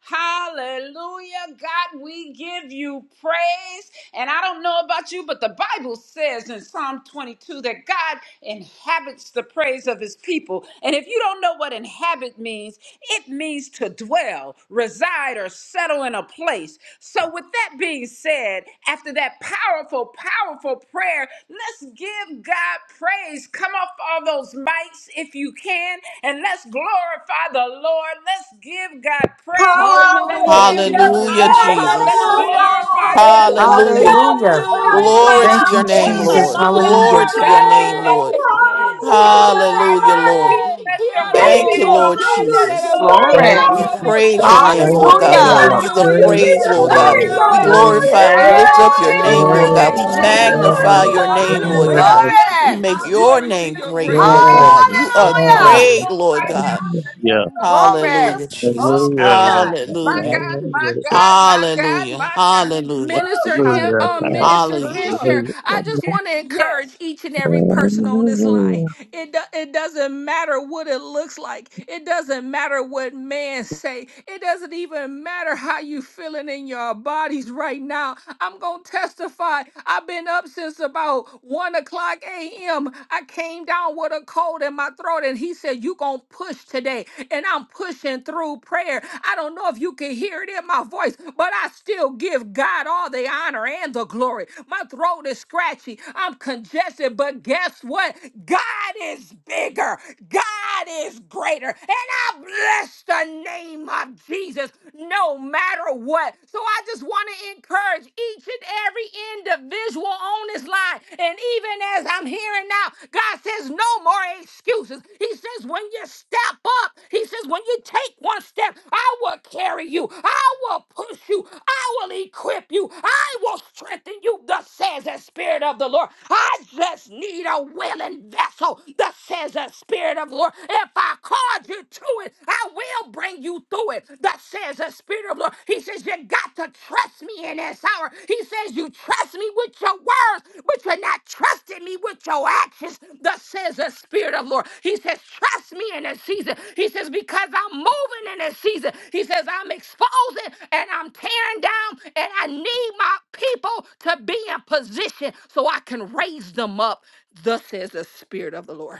[SPEAKER 1] Hallelujah! God, we give you praise. And I don't know about you, but the Bible says in Psalm 22 that God inhabits the praise of his people. And if you don't know what inhabit means, it means to dwell, reside, or settle in a place. So, with that being said, said after that powerful, powerful prayer, let's give God praise. Come off all those mics if you can, and let's glorify the Lord. Let's give God
[SPEAKER 5] Hallelujah.
[SPEAKER 1] praise. Let's
[SPEAKER 4] Hallelujah,
[SPEAKER 1] give
[SPEAKER 5] yes,
[SPEAKER 1] him
[SPEAKER 4] Jesus.
[SPEAKER 6] Hallelujah,
[SPEAKER 5] God,
[SPEAKER 1] honor. Let's
[SPEAKER 6] Jesus.
[SPEAKER 5] Hallelujah,
[SPEAKER 4] Hallelujah.
[SPEAKER 1] glorify him so that
[SPEAKER 6] Hallelujah.
[SPEAKER 1] he
[SPEAKER 5] yes,
[SPEAKER 1] can
[SPEAKER 2] Hallelujah.
[SPEAKER 1] dwell
[SPEAKER 5] God,
[SPEAKER 1] within
[SPEAKER 6] Glory
[SPEAKER 7] Hallelujah.
[SPEAKER 6] to
[SPEAKER 4] Hallelujah.
[SPEAKER 2] Thank
[SPEAKER 1] us,
[SPEAKER 6] your
[SPEAKER 2] you,
[SPEAKER 6] name,
[SPEAKER 1] dwell
[SPEAKER 5] Hallelujah,
[SPEAKER 6] Lord.
[SPEAKER 1] among
[SPEAKER 5] yes,
[SPEAKER 7] Mhm.
[SPEAKER 1] us.
[SPEAKER 6] Glory
[SPEAKER 7] Thank
[SPEAKER 6] to
[SPEAKER 4] Glory.
[SPEAKER 7] you,
[SPEAKER 6] your
[SPEAKER 1] God,
[SPEAKER 5] Lord,
[SPEAKER 1] we
[SPEAKER 7] Father.
[SPEAKER 6] name,
[SPEAKER 1] thank
[SPEAKER 6] Lord.
[SPEAKER 1] you
[SPEAKER 7] Yes,
[SPEAKER 5] Hallelujah,
[SPEAKER 7] God.
[SPEAKER 1] magnify
[SPEAKER 4] Glory.
[SPEAKER 1] you.
[SPEAKER 6] Hallelujah, Lord.
[SPEAKER 1] We
[SPEAKER 7] Hallelujah.
[SPEAKER 1] bless your
[SPEAKER 4] Quiero
[SPEAKER 1] holy
[SPEAKER 5] Thank
[SPEAKER 6] Thank
[SPEAKER 5] you,
[SPEAKER 7] Hallelujah.
[SPEAKER 6] you,
[SPEAKER 4] robo
[SPEAKER 1] name.
[SPEAKER 5] Lord,
[SPEAKER 6] Lord
[SPEAKER 1] You
[SPEAKER 4] shende
[SPEAKER 7] Jesus.
[SPEAKER 4] de
[SPEAKER 5] Hallelujah,
[SPEAKER 6] Jesus.
[SPEAKER 4] robo
[SPEAKER 5] thank
[SPEAKER 1] glory,
[SPEAKER 3] Thank
[SPEAKER 8] Glory.
[SPEAKER 7] Thank
[SPEAKER 4] cora
[SPEAKER 6] We
[SPEAKER 7] you,
[SPEAKER 3] you.
[SPEAKER 5] you,
[SPEAKER 7] God.
[SPEAKER 1] glory,
[SPEAKER 4] robo
[SPEAKER 6] praise your
[SPEAKER 5] God,
[SPEAKER 4] shata.
[SPEAKER 5] we
[SPEAKER 6] name,
[SPEAKER 1] glory,
[SPEAKER 3] Praise
[SPEAKER 6] Lord
[SPEAKER 3] the
[SPEAKER 7] Oh,
[SPEAKER 6] God.
[SPEAKER 5] praise
[SPEAKER 6] We
[SPEAKER 7] thank
[SPEAKER 5] you,
[SPEAKER 8] Hallelujah.
[SPEAKER 7] you,
[SPEAKER 6] give
[SPEAKER 3] Lord.
[SPEAKER 6] you the
[SPEAKER 5] we
[SPEAKER 7] Father.
[SPEAKER 1] glory,
[SPEAKER 3] Praise
[SPEAKER 4] Hallelujah.
[SPEAKER 5] give
[SPEAKER 6] praise,
[SPEAKER 5] you
[SPEAKER 3] the
[SPEAKER 6] Lord
[SPEAKER 1] glory,
[SPEAKER 6] God.
[SPEAKER 5] praise,
[SPEAKER 7] Yes,
[SPEAKER 3] Lord.
[SPEAKER 6] We
[SPEAKER 5] Lord,
[SPEAKER 7] God.
[SPEAKER 1] glory.
[SPEAKER 4] Hallelujah.
[SPEAKER 7] Yes,
[SPEAKER 6] glorify and we lift
[SPEAKER 5] Hallelujah,
[SPEAKER 7] God.
[SPEAKER 4] Glory
[SPEAKER 6] up
[SPEAKER 8] Yes.
[SPEAKER 6] your
[SPEAKER 4] to
[SPEAKER 7] Yes,
[SPEAKER 4] your
[SPEAKER 6] name,
[SPEAKER 7] God.
[SPEAKER 1] Hallelujah.
[SPEAKER 6] Lord
[SPEAKER 4] great
[SPEAKER 6] God.
[SPEAKER 7] Yes,
[SPEAKER 4] name,
[SPEAKER 6] We
[SPEAKER 7] God.
[SPEAKER 1] Bless you,
[SPEAKER 4] Jesus.
[SPEAKER 1] Lord.
[SPEAKER 6] magnify
[SPEAKER 7] Yes,
[SPEAKER 6] your
[SPEAKER 7] God.
[SPEAKER 3] Praise
[SPEAKER 6] name,
[SPEAKER 7] Yes,
[SPEAKER 6] Lord
[SPEAKER 8] Glory.
[SPEAKER 4] Hallelujah,
[SPEAKER 6] God.
[SPEAKER 7] God.
[SPEAKER 1] Hallelujah.
[SPEAKER 6] We
[SPEAKER 4] Jesus.
[SPEAKER 7] Oh,
[SPEAKER 6] make
[SPEAKER 7] yes,
[SPEAKER 6] your
[SPEAKER 7] God.
[SPEAKER 4] Glory to
[SPEAKER 6] name
[SPEAKER 1] Hallelujah.
[SPEAKER 4] your
[SPEAKER 1] We
[SPEAKER 6] great,
[SPEAKER 4] great
[SPEAKER 6] Lord
[SPEAKER 1] pray
[SPEAKER 3] God.
[SPEAKER 4] name.
[SPEAKER 1] and
[SPEAKER 7] Yes,
[SPEAKER 6] God. You
[SPEAKER 1] covering
[SPEAKER 7] God.
[SPEAKER 6] are
[SPEAKER 1] over this
[SPEAKER 7] Yes,
[SPEAKER 8] Hallelujah.
[SPEAKER 6] great,
[SPEAKER 4] Hallelujah.
[SPEAKER 1] room
[SPEAKER 6] Lord
[SPEAKER 7] Father.
[SPEAKER 1] right now
[SPEAKER 6] God.
[SPEAKER 1] in the
[SPEAKER 3] Yeah.
[SPEAKER 1] name
[SPEAKER 7] Oh,
[SPEAKER 1] of
[SPEAKER 7] thank you,
[SPEAKER 8] Glory.
[SPEAKER 7] God.
[SPEAKER 6] Hallelujah,
[SPEAKER 3] Hallelujah.
[SPEAKER 1] Jesus. Oh,
[SPEAKER 6] Jesus.
[SPEAKER 1] my
[SPEAKER 7] Thank
[SPEAKER 3] Hallelujah,
[SPEAKER 7] you.
[SPEAKER 1] God.
[SPEAKER 3] Lord.
[SPEAKER 1] My
[SPEAKER 6] Hallelujah.
[SPEAKER 1] God, my
[SPEAKER 3] Hallelujah.
[SPEAKER 1] God, my God,
[SPEAKER 6] Hallelujah.
[SPEAKER 1] my God.
[SPEAKER 6] Hallelujah.
[SPEAKER 1] Woo,
[SPEAKER 4] Minister Am-
[SPEAKER 3] Hallelujah.
[SPEAKER 4] uh,
[SPEAKER 1] hallelujah.
[SPEAKER 4] Minister
[SPEAKER 6] Hallelujah.
[SPEAKER 1] Glory.
[SPEAKER 4] Fisher, I just want to encourage each and
[SPEAKER 3] Hallelujah.
[SPEAKER 4] every person on this line.
[SPEAKER 3] Hallelujah.
[SPEAKER 4] It do- it doesn't matter what it looks like. It doesn't matter what man say. It doesn't even matter how you feeling in your bodies right now. I'm gonna testify. I've been up since about one o'clock a.m. I came down with a cold in my throat, and he said, "You gonna push today." today and I'm pushing through prayer. I don't know if you can hear it in my voice, but I still give God all the honor and the glory. My throat is scratchy. I'm congested, but guess what? God is bigger. God is greater. And I bless the name of Jesus no matter what. So I just want to encourage each and every individual on this line God. And even as I'm hearing now, God says, no more excuses. He says, when you step up, He says, when you take one step, I will carry you. I will push you. I will equip you. I will strengthen you. Thus says the Spirit of the Lord. I just need a willing vessel. Thus says the Spirit of the Lord. If I called you to it, I will bring you through it. Thus says the Spirit Spirit of the Lord. He says, You got to trust me in this hour. He says, You trust me with your words, but you're not trusting me with your actions. Thus says the Spirit of the Lord. He says, Trust me in this season. He says, Because I'm moving in this season. He says, I'm exposing and I'm tearing down, and I need my people to be in position so I can raise them up. Thus says the Spirit of the Lord.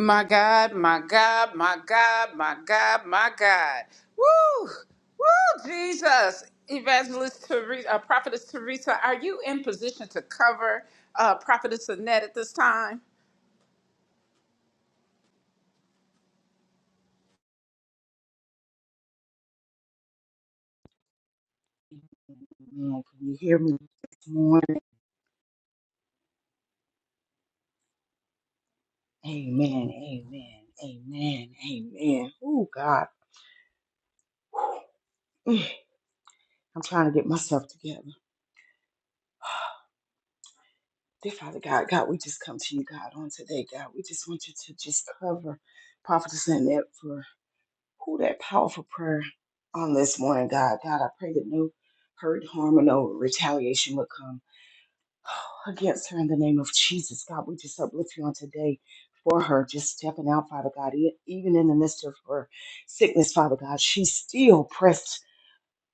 [SPEAKER 1] My God, my God, my God, my God, my God. Woo! Woo, Jesus. Evangelist Teresa, uh, Prophetess Teresa, are you in position to cover uh, Prophetess Annette at this time?
[SPEAKER 7] Man, can you hear me this morning? Amen. Amen. Amen. Amen. Oh, God. I'm trying to get myself together. Dear Father God, God, we just come to you, God, on today, God. We just want you to just cover Prophetess Annette for who that powerful prayer on this morning, God. God, I pray that no hurt, harm, or no retaliation will come against her in the name of Jesus. God, we just uplift you on today for her, just stepping out, Father God, e- even in the midst of her sickness, Father God. She still pressed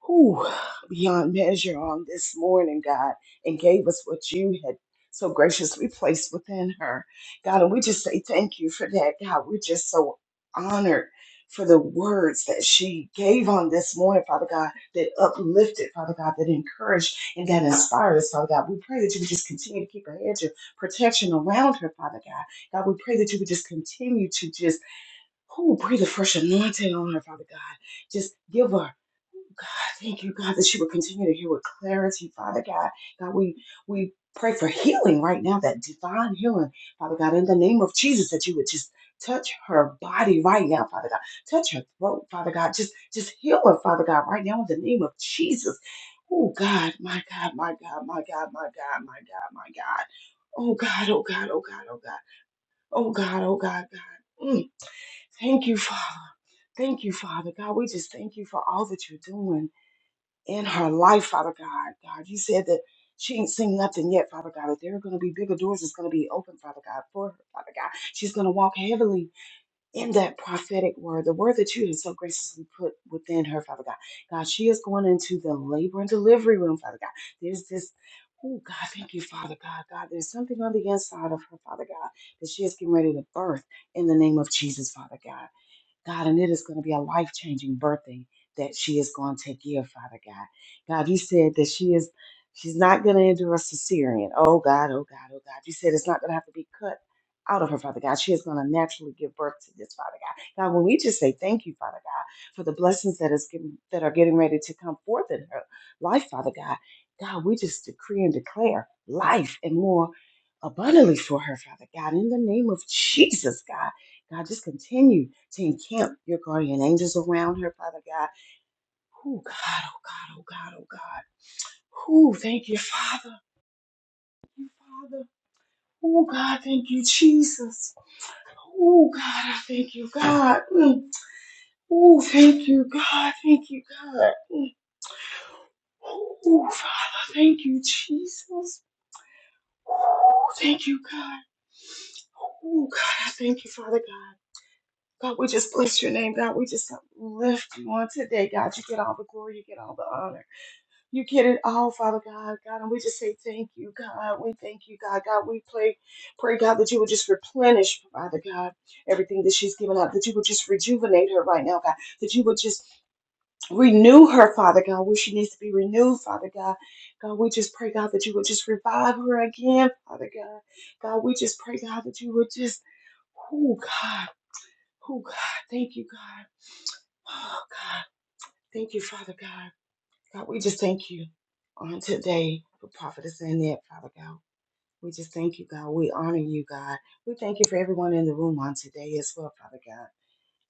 [SPEAKER 7] whew, beyond measure on this morning, God, and gave us what you had so graciously placed within her. God, and we just say thank you for that, God. We're just so honored for the words that she gave on this morning, Father God, that uplifted, Father God, that encouraged and that inspired us, Father God. We pray that you would just continue to keep a hedge of protection around her, Father God. God, we pray that you would just continue to just, who breathe a fresh anointing on her, Father God. Just give her. God, thank you, God, that she would continue to hear with clarity, Father God. God, we we pray for healing right now, that divine healing, Father God, in the name of Jesus, that you would just touch her body right now, Father God. Touch her throat, Father God. Just just heal her, Father God, right now in the name of Jesus. Oh God, my God, my God, my God, my God, my God, my God. Oh God, oh God, oh God, oh God, oh God, oh God, God. Mm. Thank you, Father. Thank you, Father. God, we just thank you for all that you're doing in her life, Father God. God, you said that she ain't seen nothing yet, Father God, but there are going to be bigger doors that's going to be open, Father God, for her, Father God. She's going to walk heavily in that prophetic word, the word that you have so graciously put within her, Father God. God, she is going into the labor and delivery room, Father God. There's this. Oh God, thank you, Father God. God, there's something on the inside of her, Father God, that she is getting ready to birth in the name of Jesus, Father God. God, and it is going to be a life changing birthday that she is going to give, Father God. God, you said that she is, she's not going to endure a cesarean. Oh God, oh God, oh God. You said it's not going to have to be cut out of her, Father God. She is going to naturally give birth to this, Father God. God, when we just say thank you, Father God, for the blessings that is getting, that are getting ready to come forth in her life, Father God. God, we just decree and declare life and more abundantly for her, Father God, in the name of Jesus, God. God, just continue to encamp your guardian angels around her, Father God. Oh, God, oh, God, oh, God, oh, God. Oh, thank you, Father. Thank you, Father. Oh, God, thank you, Jesus. Oh, God, I thank you, God. Mm. Oh, thank you, God. Thank you, God. Mm. Oh, Father, thank you, Jesus. Oh, thank you, God. Oh, God, I thank you, Father God. God, we just bless your name. God, we just lift you on today. God, you get all the glory, you get all the honor. You get it all, Father God. God, and we just say thank you, God. We thank you, God. God, we pray, pray, God, that you would just replenish, Father God, everything that she's given up, that you would just rejuvenate her right now, God, that you would just renew her, Father God, where she needs to be renewed, Father God. God, we just pray, God, that you would just revive her again, Father God. God, we just pray, God, that you would just Oh God, oh God, thank you, God. Oh God, thank you, Father God. God, we just thank you on today for prophetess Annette, Father God. We just thank you, God. We honor you, God. We thank you for everyone in the room on today as well, Father God.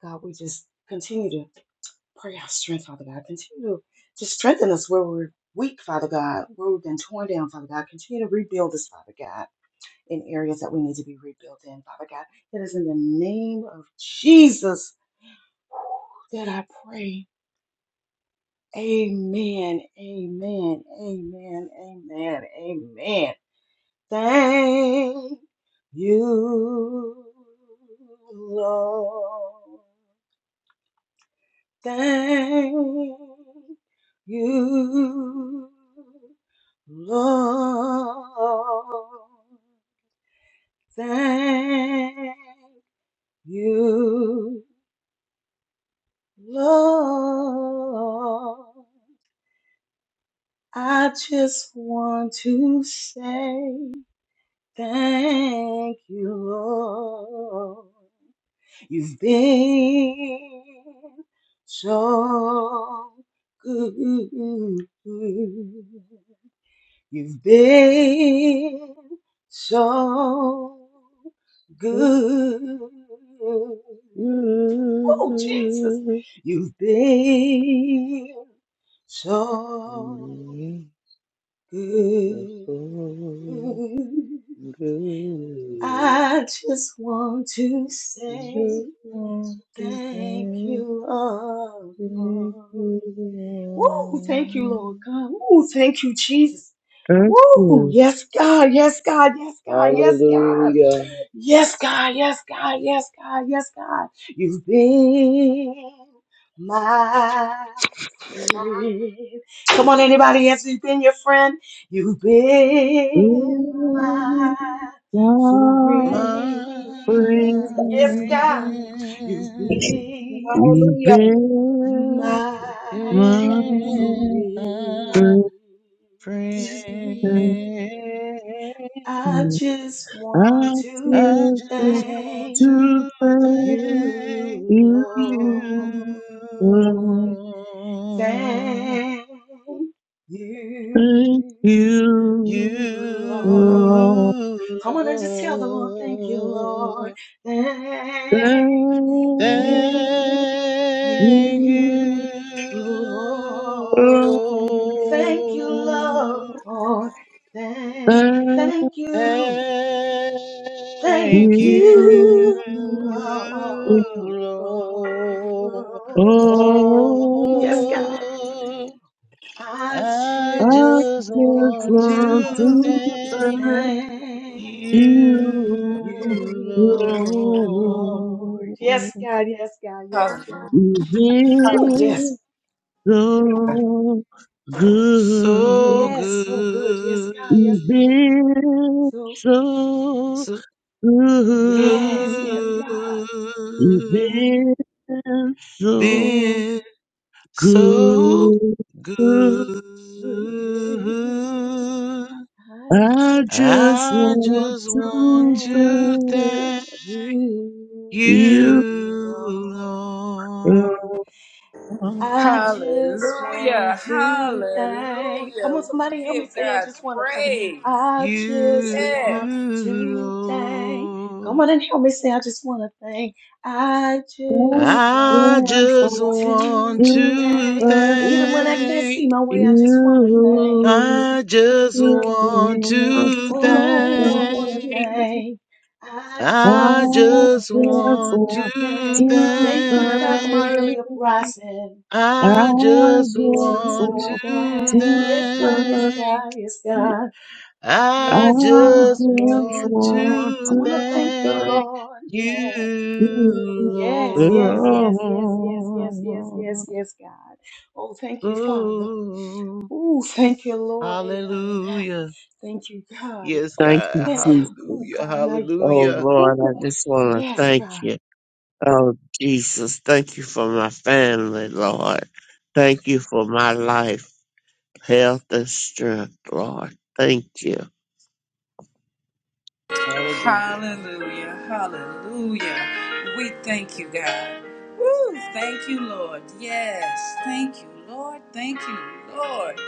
[SPEAKER 7] God, we just continue to pray our strength, Father God. Continue to just strengthen us where we're weak, Father God, where we've been torn down, Father God. Continue to rebuild us, Father God, in areas that we need to be rebuilt in, Father God. It is in the name of Jesus that I pray. Amen. Amen. Amen. Amen. Amen. Thank you, Lord. Thank you, Lord. Thank you, Lord. I just want to say. Thank you, Lord. You've been so good. You've been so
[SPEAKER 9] You
[SPEAKER 7] good. Oh,
[SPEAKER 9] make
[SPEAKER 7] Jesus. You've been so
[SPEAKER 9] me are
[SPEAKER 7] good.
[SPEAKER 9] so good.
[SPEAKER 7] I just want to say
[SPEAKER 9] Just want to
[SPEAKER 7] thank
[SPEAKER 9] say
[SPEAKER 7] you, Lord.
[SPEAKER 9] thank you,
[SPEAKER 7] Woo! Thank you, Lord
[SPEAKER 9] Lord.
[SPEAKER 7] God. Woo! Thank you, Jesus.
[SPEAKER 3] Thank
[SPEAKER 7] Woo!
[SPEAKER 3] you.
[SPEAKER 7] Yes, God. Yes, God. Yes, God. Yes, God.
[SPEAKER 9] Hallelujah.
[SPEAKER 7] Yes, God, yes, God, yes, God, yes, God. You've been my friend. Come on, anybody else? You've been your friend. You've been my
[SPEAKER 3] In
[SPEAKER 7] friend.
[SPEAKER 3] suffering,
[SPEAKER 9] My
[SPEAKER 5] Yes, God.
[SPEAKER 7] Yes, God. You've
[SPEAKER 9] friend,
[SPEAKER 7] been
[SPEAKER 3] you
[SPEAKER 5] Hallelujah,
[SPEAKER 3] bear
[SPEAKER 7] my
[SPEAKER 9] yeah,
[SPEAKER 3] my
[SPEAKER 7] friend.
[SPEAKER 9] my
[SPEAKER 3] burden.
[SPEAKER 9] friend.
[SPEAKER 7] I just want
[SPEAKER 3] I
[SPEAKER 7] to
[SPEAKER 9] I
[SPEAKER 3] feel good
[SPEAKER 9] just want
[SPEAKER 7] thank
[SPEAKER 3] to
[SPEAKER 9] to
[SPEAKER 3] thank
[SPEAKER 9] thank.
[SPEAKER 7] you, Lord.
[SPEAKER 9] You,
[SPEAKER 3] you. Lord.
[SPEAKER 7] Thank
[SPEAKER 3] Thank
[SPEAKER 7] you,
[SPEAKER 3] you for all
[SPEAKER 7] Lord.
[SPEAKER 9] you,
[SPEAKER 7] Come on and just tell the Lord, thank you, Lord.
[SPEAKER 9] Lord,
[SPEAKER 7] Thank you,
[SPEAKER 3] that
[SPEAKER 9] thank
[SPEAKER 7] you,
[SPEAKER 3] you
[SPEAKER 9] you,
[SPEAKER 3] are.
[SPEAKER 7] Lord. Thank you,
[SPEAKER 9] Lord,
[SPEAKER 7] Lord. Thank,
[SPEAKER 3] Thank
[SPEAKER 7] thank you. Thank
[SPEAKER 9] thank you,
[SPEAKER 7] you,
[SPEAKER 3] you
[SPEAKER 9] Lord.
[SPEAKER 3] for
[SPEAKER 7] Lord.
[SPEAKER 3] all.
[SPEAKER 7] Yes, God.
[SPEAKER 9] oh.
[SPEAKER 7] I
[SPEAKER 9] I
[SPEAKER 3] I
[SPEAKER 7] just
[SPEAKER 9] just
[SPEAKER 3] just
[SPEAKER 9] want
[SPEAKER 7] want
[SPEAKER 3] want
[SPEAKER 9] to
[SPEAKER 7] to
[SPEAKER 9] thank
[SPEAKER 3] to
[SPEAKER 7] thank
[SPEAKER 9] you,
[SPEAKER 3] You
[SPEAKER 7] you,
[SPEAKER 9] Lord.
[SPEAKER 7] Lord. Yes,
[SPEAKER 3] alone.
[SPEAKER 7] God. Yes, God. Yes, God.
[SPEAKER 3] You've
[SPEAKER 7] Woo, yes.
[SPEAKER 3] been so
[SPEAKER 9] So
[SPEAKER 3] good.
[SPEAKER 7] Yes, so good. Yes,
[SPEAKER 9] good,
[SPEAKER 7] God. Yes,
[SPEAKER 3] You've
[SPEAKER 7] God.
[SPEAKER 3] been
[SPEAKER 7] So,
[SPEAKER 3] so
[SPEAKER 9] so
[SPEAKER 7] yes,
[SPEAKER 3] good.
[SPEAKER 7] yes,
[SPEAKER 9] good,
[SPEAKER 7] God.
[SPEAKER 3] You've been so
[SPEAKER 9] been so
[SPEAKER 3] good.
[SPEAKER 9] good.
[SPEAKER 7] I
[SPEAKER 3] I
[SPEAKER 7] just
[SPEAKER 3] just
[SPEAKER 9] I
[SPEAKER 3] want
[SPEAKER 9] just want
[SPEAKER 3] to
[SPEAKER 7] thank
[SPEAKER 9] to
[SPEAKER 3] thank
[SPEAKER 9] thank
[SPEAKER 7] you,
[SPEAKER 3] you.
[SPEAKER 9] you,
[SPEAKER 7] Lord.
[SPEAKER 9] Lord.
[SPEAKER 7] I just
[SPEAKER 1] Hallelujah.
[SPEAKER 7] want to thank. Come on,
[SPEAKER 1] Hallelujah. We
[SPEAKER 7] somebody help me
[SPEAKER 1] give
[SPEAKER 7] say, I
[SPEAKER 1] God
[SPEAKER 7] just want to thank.
[SPEAKER 1] praise.
[SPEAKER 7] I just
[SPEAKER 9] you,
[SPEAKER 7] want
[SPEAKER 1] Yes.
[SPEAKER 7] to thank. Come
[SPEAKER 9] Lord.
[SPEAKER 7] on and help me say, I just want to thank. I just want
[SPEAKER 9] I just
[SPEAKER 3] Lord.
[SPEAKER 9] want
[SPEAKER 7] to
[SPEAKER 3] To
[SPEAKER 9] to
[SPEAKER 7] thank.
[SPEAKER 3] serve
[SPEAKER 7] Even when I
[SPEAKER 3] you,
[SPEAKER 7] can't
[SPEAKER 9] thank.
[SPEAKER 7] see my way, I just
[SPEAKER 3] to
[SPEAKER 7] want to thank.
[SPEAKER 9] I
[SPEAKER 3] serve. I
[SPEAKER 9] just
[SPEAKER 3] just want
[SPEAKER 9] want to
[SPEAKER 3] to
[SPEAKER 7] Oh, I want to
[SPEAKER 3] serve.
[SPEAKER 9] thank.
[SPEAKER 7] thank. I
[SPEAKER 3] I
[SPEAKER 9] I
[SPEAKER 7] just want
[SPEAKER 9] just
[SPEAKER 3] just
[SPEAKER 9] want
[SPEAKER 7] to
[SPEAKER 3] want
[SPEAKER 9] to
[SPEAKER 3] to
[SPEAKER 7] thank. Thank you, God, for my
[SPEAKER 9] thank.
[SPEAKER 7] early
[SPEAKER 3] serve.
[SPEAKER 7] uprising.
[SPEAKER 3] I
[SPEAKER 9] I just
[SPEAKER 3] just
[SPEAKER 9] want
[SPEAKER 7] to
[SPEAKER 9] to
[SPEAKER 7] thank. Yes, God, yes,
[SPEAKER 9] thank.
[SPEAKER 7] God, yes, God.
[SPEAKER 9] I
[SPEAKER 7] Just want
[SPEAKER 9] just
[SPEAKER 7] to
[SPEAKER 9] want
[SPEAKER 7] thank.
[SPEAKER 3] want
[SPEAKER 7] I
[SPEAKER 3] to
[SPEAKER 9] to
[SPEAKER 7] want to thank you,
[SPEAKER 3] serve
[SPEAKER 9] thank
[SPEAKER 7] Lord. Yeah.
[SPEAKER 9] you,
[SPEAKER 7] Yes,
[SPEAKER 3] you,
[SPEAKER 7] yes, yes, yes, yes, yes, yes, yes,
[SPEAKER 3] Lord.
[SPEAKER 7] yes, God. Oh, thank you, Father.
[SPEAKER 9] Lord.
[SPEAKER 7] Oh, thank you, Lord. Amen, amen.
[SPEAKER 9] Hallelujah.
[SPEAKER 7] Thank you, God.
[SPEAKER 9] Yes,
[SPEAKER 3] Thank you,
[SPEAKER 9] God.
[SPEAKER 7] And,
[SPEAKER 3] Jesus.
[SPEAKER 7] oh,
[SPEAKER 9] Hallelujah.
[SPEAKER 7] God, and I,
[SPEAKER 3] Oh
[SPEAKER 9] Hallelujah.
[SPEAKER 3] Lord, I
[SPEAKER 7] oh,
[SPEAKER 3] just want to
[SPEAKER 7] yes,
[SPEAKER 3] thank
[SPEAKER 7] God.
[SPEAKER 3] you. Oh, Jesus, thank you for my family, Lord. Thank you for my life, health, and strength, Lord. Thank you.
[SPEAKER 9] Hallelujah.
[SPEAKER 1] Hallelujah. Hallelujah. We thank you, God. Woo! Thank you, Lord. Yes. Thank you, Lord. Thank you, Lord.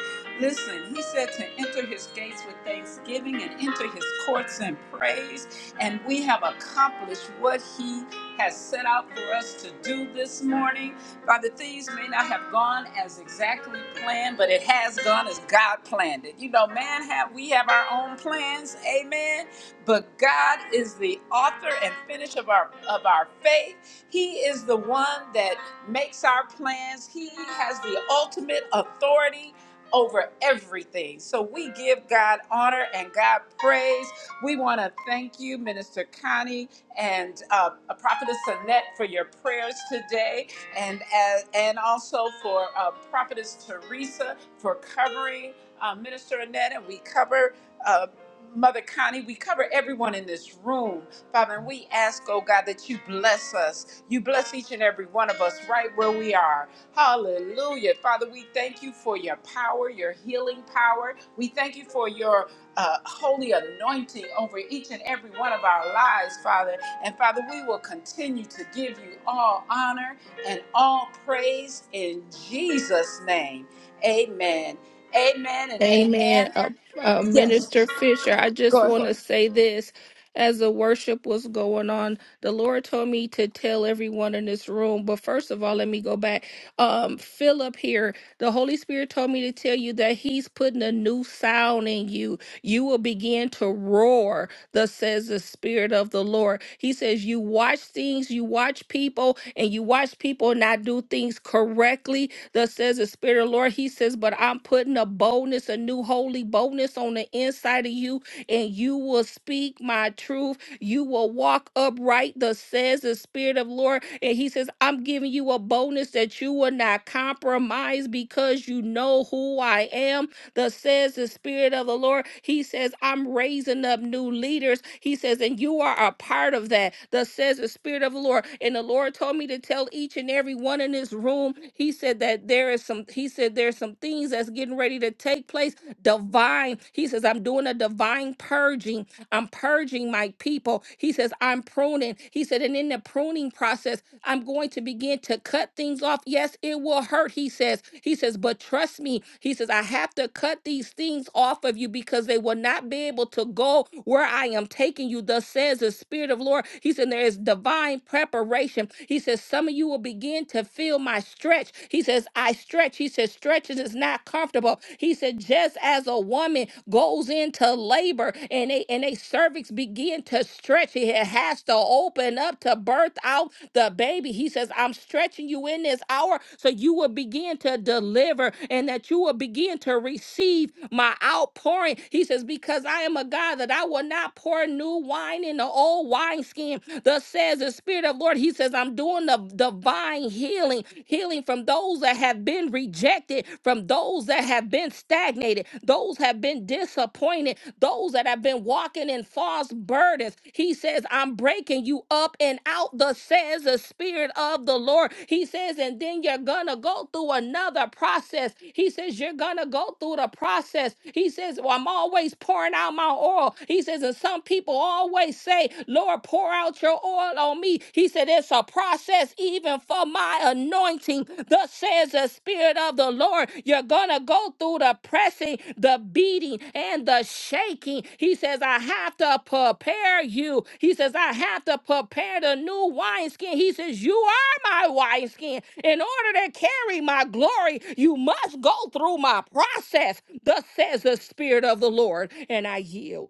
[SPEAKER 1] Listen, he said to enter his gates with thanksgiving and enter his courts in praise. And we have accomplished what he has set out for us to do this morning. Father, things may not have gone as exactly planned, but it has gone as God planned it. You know, man, have we have our own plans, amen. But God is the author and finish of our of our faith. He is the one that makes our plans. He has the ultimate authority over everything. So we give God honor and God praise. We want to thank you, Minister Connie and uh, Prophetess Annette, for your prayers today, and as, and also for uh, Prophetess Teresa for covering uh, Minister Annette, and we cover uh, Mother Connie. We cover everyone in this room Father, and we ask, oh God, that you bless us. You bless each and every one of us right where we are. Hallelujah. Father, we thank you for your power, your healing power. We thank you for your uh, holy anointing over each and every one of our lives, Father. And Father, we will continue to give you all honor and all praise in Jesus' name. Amen. Amen and
[SPEAKER 4] Amen.
[SPEAKER 1] amen.
[SPEAKER 4] Uh, uh,
[SPEAKER 1] Yes,
[SPEAKER 4] Minister Fisher, I just
[SPEAKER 1] go
[SPEAKER 4] want
[SPEAKER 1] ahead.
[SPEAKER 4] to say this. As the worship was going on, the Lord told me to tell everyone in this room. But first of all, let me go back. Um, Philip here, the Holy Spirit told me to tell you that He's putting a new sound in you. You will begin to roar, thus says the Spirit of the Lord. He says, You watch things, you watch people, and you watch people not do things correctly Thus says the Spirit of the Lord. He says, But I'm putting a boldness, a new holy boldness on the inside of you, and you will speak my truth. You will walk upright. Thus says the Spirit of the Lord. And he says, I'm giving you a boldness that you will not compromise because you know who I am Thus says the Spirit of the Lord. He says, I'm raising up new leaders. He says, and you are a part of that. Thus says the Spirit of the Lord. And the Lord told me to tell each and every one in this room. He said that there is some, he said there's some things that's getting ready to take place. Divine. He says, I'm doing a divine purging I'm purging my people. He says, I'm pruning. He said, and in the pruning process, I'm going to begin to cut things off. Yes, it will hurt, he says. He says, but trust me. He says, I have to cut these things off of you because they will not be able to go where I am taking you. Thus says the Spirit of Lord. He said, There is divine preparation. He says, Some of you will begin to feel my stretch. He says, I stretch. He he said, stretching is not comfortable. He said, just as a woman goes into labor and they and they cervix begin to stretch, it has to open up to birth out the baby. He says, I'm stretching you in this hour so you will begin to deliver and that you will begin to receive my outpouring. He says, Because I am a God that I will not pour new wine in the old wineskin name. Thus says the Spirit of Lord. He says, I'm doing the divine healing, healing from those that have been rejected, from those that have been stagnated, those have been disappointed, those that have been walking in false burdens. He says, I'm breaking you up and out. Thus says the Spirit of the Lord. He says, and then you're gonna go through another process. He says, You're gonna go through the process process. He says, well, I'm always pouring out my oil. He says, and some people always say, Lord, pour out your oil on me. He said, it's a process even for my anointing. Thus says the Spirit of the Lord, you're going to go through the pressing, the beating, and the shaking. He says, I have to prepare you. He says, I have to prepare the new wineskin. He says, You my wineskin. In order to carry my glory, you must go through my process. Thus says the Spirit of the Lord, and I yield.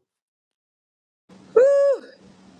[SPEAKER 1] Woo!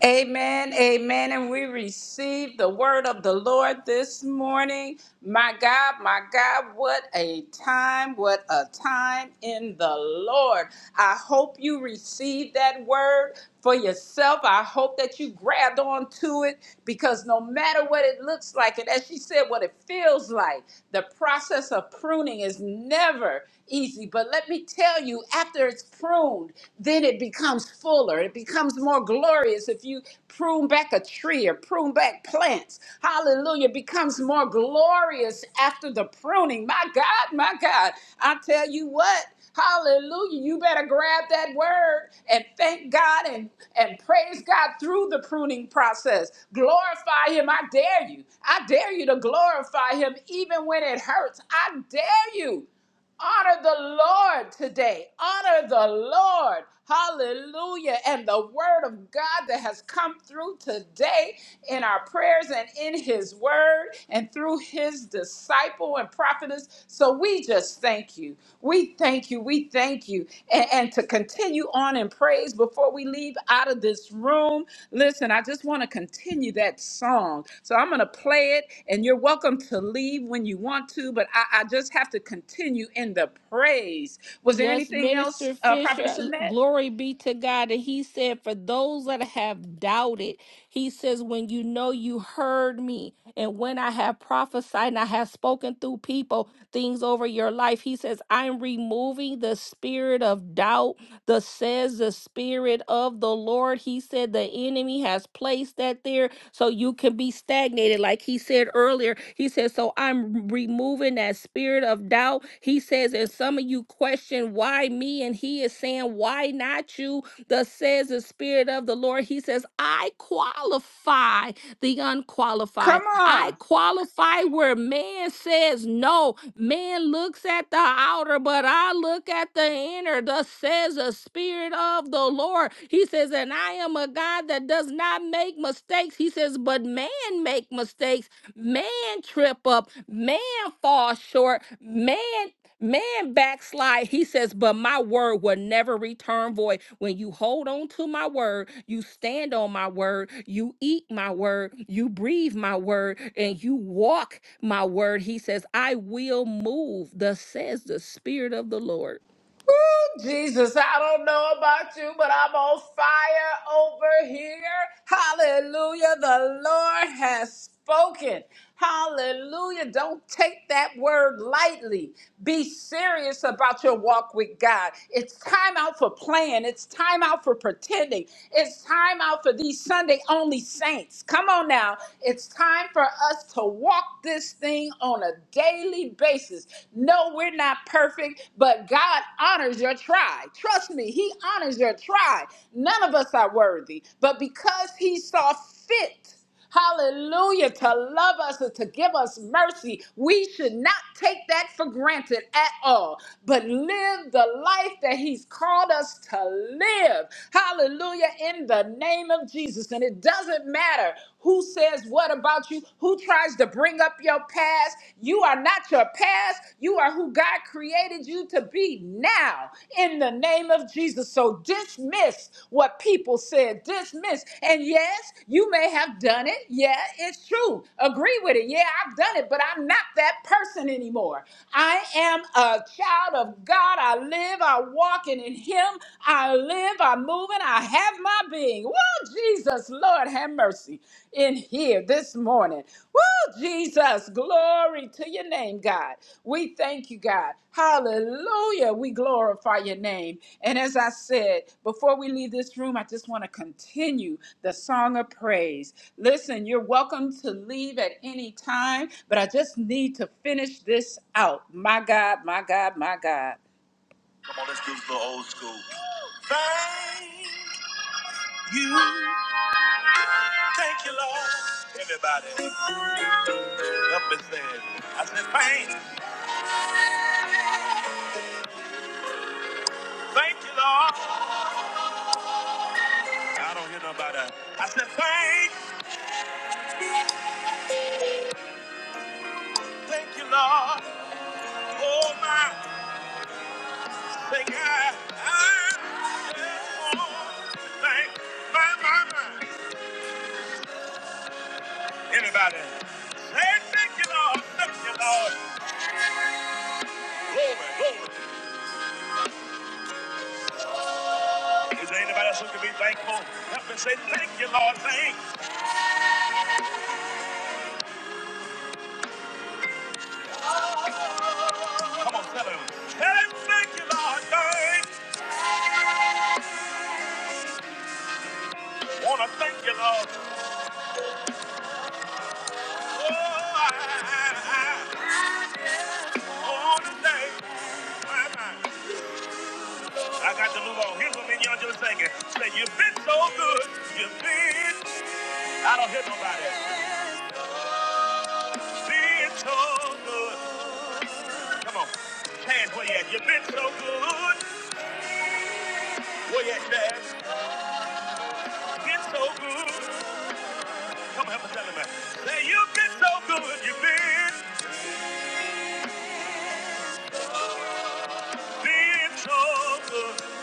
[SPEAKER 1] Amen, amen. And we receive the word of the Lord this morning. My God, my God, what a time, what a time in the Lord. I hope you received that word for yourself. I hope that you grabbed on to it because no matter what it looks like, and as she said, what it feels like, the process of pruning is never easy. But let me tell you, after it's pruned, pruned, then it becomes fuller. It becomes more glorious. If you prune back a tree or prune back plants, hallelujah, it becomes more glorious after the pruning. My God, my God, I tell you what. Hallelujah. You better grab that word and thank God and, and praise God through the pruning process. Glorify Him. I dare you. I dare you to glorify Him even when it hurts. I dare you. Honor the Lord today. Honor the Lord. Hallelujah. And the word of God that has come through today in our prayers and in his word and through his disciple and prophetess. So we just thank you. We thank you. We thank you thank you and, and to continue on in praise before we leave out of this room listen i just want to continue that song so i'm going to play it and you're welcome to leave when you want to but i, I just have to continue in the praise was there
[SPEAKER 4] Yes,
[SPEAKER 1] anything
[SPEAKER 4] Minister
[SPEAKER 1] else uh
[SPEAKER 4] Fisher,
[SPEAKER 1] prophetess
[SPEAKER 4] l-
[SPEAKER 1] annette
[SPEAKER 4] glory be to God. And he said, For those that have doubted, he says, When you know you heard me, and when I have prophesied and I have spoken through people things over your life, he says, I'm removing the spirit of doubt. Thus says the Spirit of the Lord. He said the enemy has placed that there so you can be stagnated. Like he said earlier, he said, So I'm removing that spirit of doubt. He says, And some of you question why me, and he is saying, Why not you? Thus says the Spirit of the Lord. He says, I qualify the unqualified.
[SPEAKER 1] come on
[SPEAKER 4] I qualify where man says no. Man looks at the outer, but I look at the inner. Thus says the Spirit of the Lord. He says, and I am a God that does not make mistakes. He says, but man make mistakes. Man trip up. Man fall short. Man Man backslide, he says, but my word will never return void. When you hold on to my word, you stand on my word, you eat my word, you breathe my word, and you walk my word. He says, I will move, thus says the Spirit of the Lord.
[SPEAKER 1] Jesus, I don't know about you, but I'm on fire over here. Hallelujah. The Lord has spoken. Hallelujah. Don't take that word lightly. Be serious about your walk with God. It's time out for playing. It's time out for pretending. It's time out for these Sunday only saints. Come on now. It's time for us to walk this thing on a daily daily basis. No, we're not perfect, but God honors your try. Trust me, He honors your try. None of us are worthy, but because He saw fit Hallelujah. To love us and to give us mercy. We should not take that for granted at all, but live the life that He's called us to live. Hallelujah, in the name of Jesus. And it doesn't matter who says what about you, who tries to bring up your past. You are not your past, you are who God created you to be now, in the name of Jesus. So dismiss what people said. Dismiss. And yes, you may have done it. Yeah, it's true. Agree with it. Yeah, I've done it, but I'm not that person anymore. I am a child of God. I live, I walk, and in Him I live, I move, and I have my being. Woo, Jesus, Lord, have mercy in here this morning. Woo, Jesus, glory to your name, God. We thank you, God. Hallelujah. We glorify your name. And as I said, before we leave this room, I just want to continue the song of praise. Listen, you're welcome to leave at any time, but I just need to finish this out. My God, my God, my God. Come on, let's do the old school. Thank you. Thank you, Lord. Everybody up and say it. I said, thank, thank you, Lord. I don't hear nobody. I said, thank, thank you, Lord. Oh my, thank God. I'm Oh, thank my, my, my. Anybody? Say thank you, Lord. Thank you, Lord. Is there anybody else who can be thankful? Help me say thank you, Lord. Thank. Come on, tell him. Tell him thank you, Lord. Thank. Wanna thank you, Lord. Oh, I, I, I, oh, today, my, my. I got to move on. Here's what me and y'all just singing. Say, you've been so good. You've been. I don't hear nobody. Been so good. Come on. Hands where you at. You've been so good. Been so good. Come on, help us tell him that. Say you've been so good. You've been, been so good.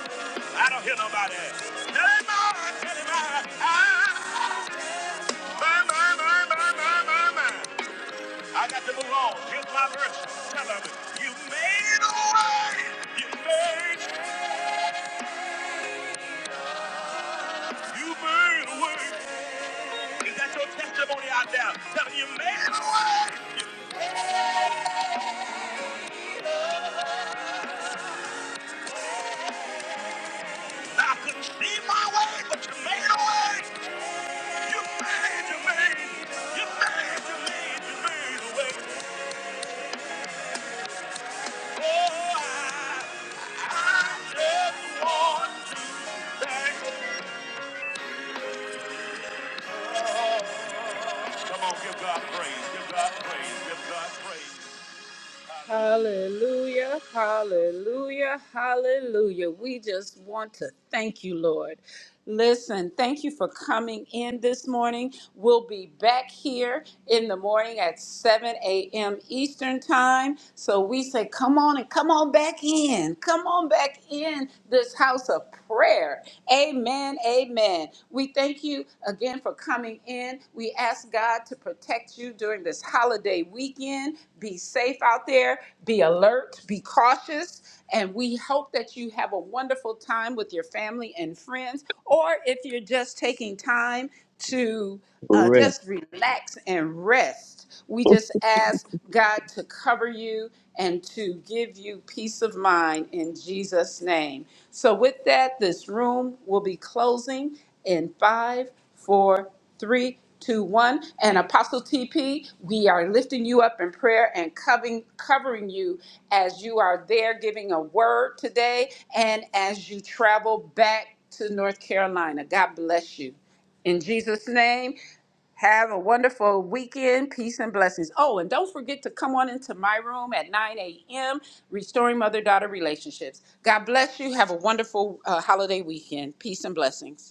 [SPEAKER 1] I don't hear nobody. Tell him I, tell him I, I, my, my, my, my, my, my, my. I got to move on. Here's my verse. Tell him you made a way. You made, you made a way. You got your testimony out there. Tell him you made a way. I couldn't see my way, but you made a way. You made, you made, you made, you made, you made a way. Oh, I, I just want to thank. you. Come on, give God praise, give God praise, give God praise. Hallelujah, hallelujah, hallelujah. We just want to thank you, Lord. Listen, thank you for coming in this morning. We'll be back here in the morning at 7 a.m. Eastern Time. So we say, come on and come on back in. Come on back in this house of prayer. Amen, amen. We thank you you again for coming in. We ask God to protect you during this holiday weekend. Be safe out there, be alert, be cautious. And we hope that you have a wonderful time with your family and friends, or if you're just taking time to uh, just relax and rest. We just ask God to cover you and to give you peace of mind in Jesus' name. So, with that, this room will be closing in five, four, three, two, one. And Apostle TP, we are lifting you up in prayer and covering, covering you as you are there giving a word today and as you travel back to North Carolina. God bless you. In Jesus' name, have a wonderful weekend. Peace and blessings. Oh, and don't forget to come on into my room at 9 a.m. Restoring Mother Daughter Relationships. God bless you. Have a wonderful uh, holiday weekend. Peace and blessings.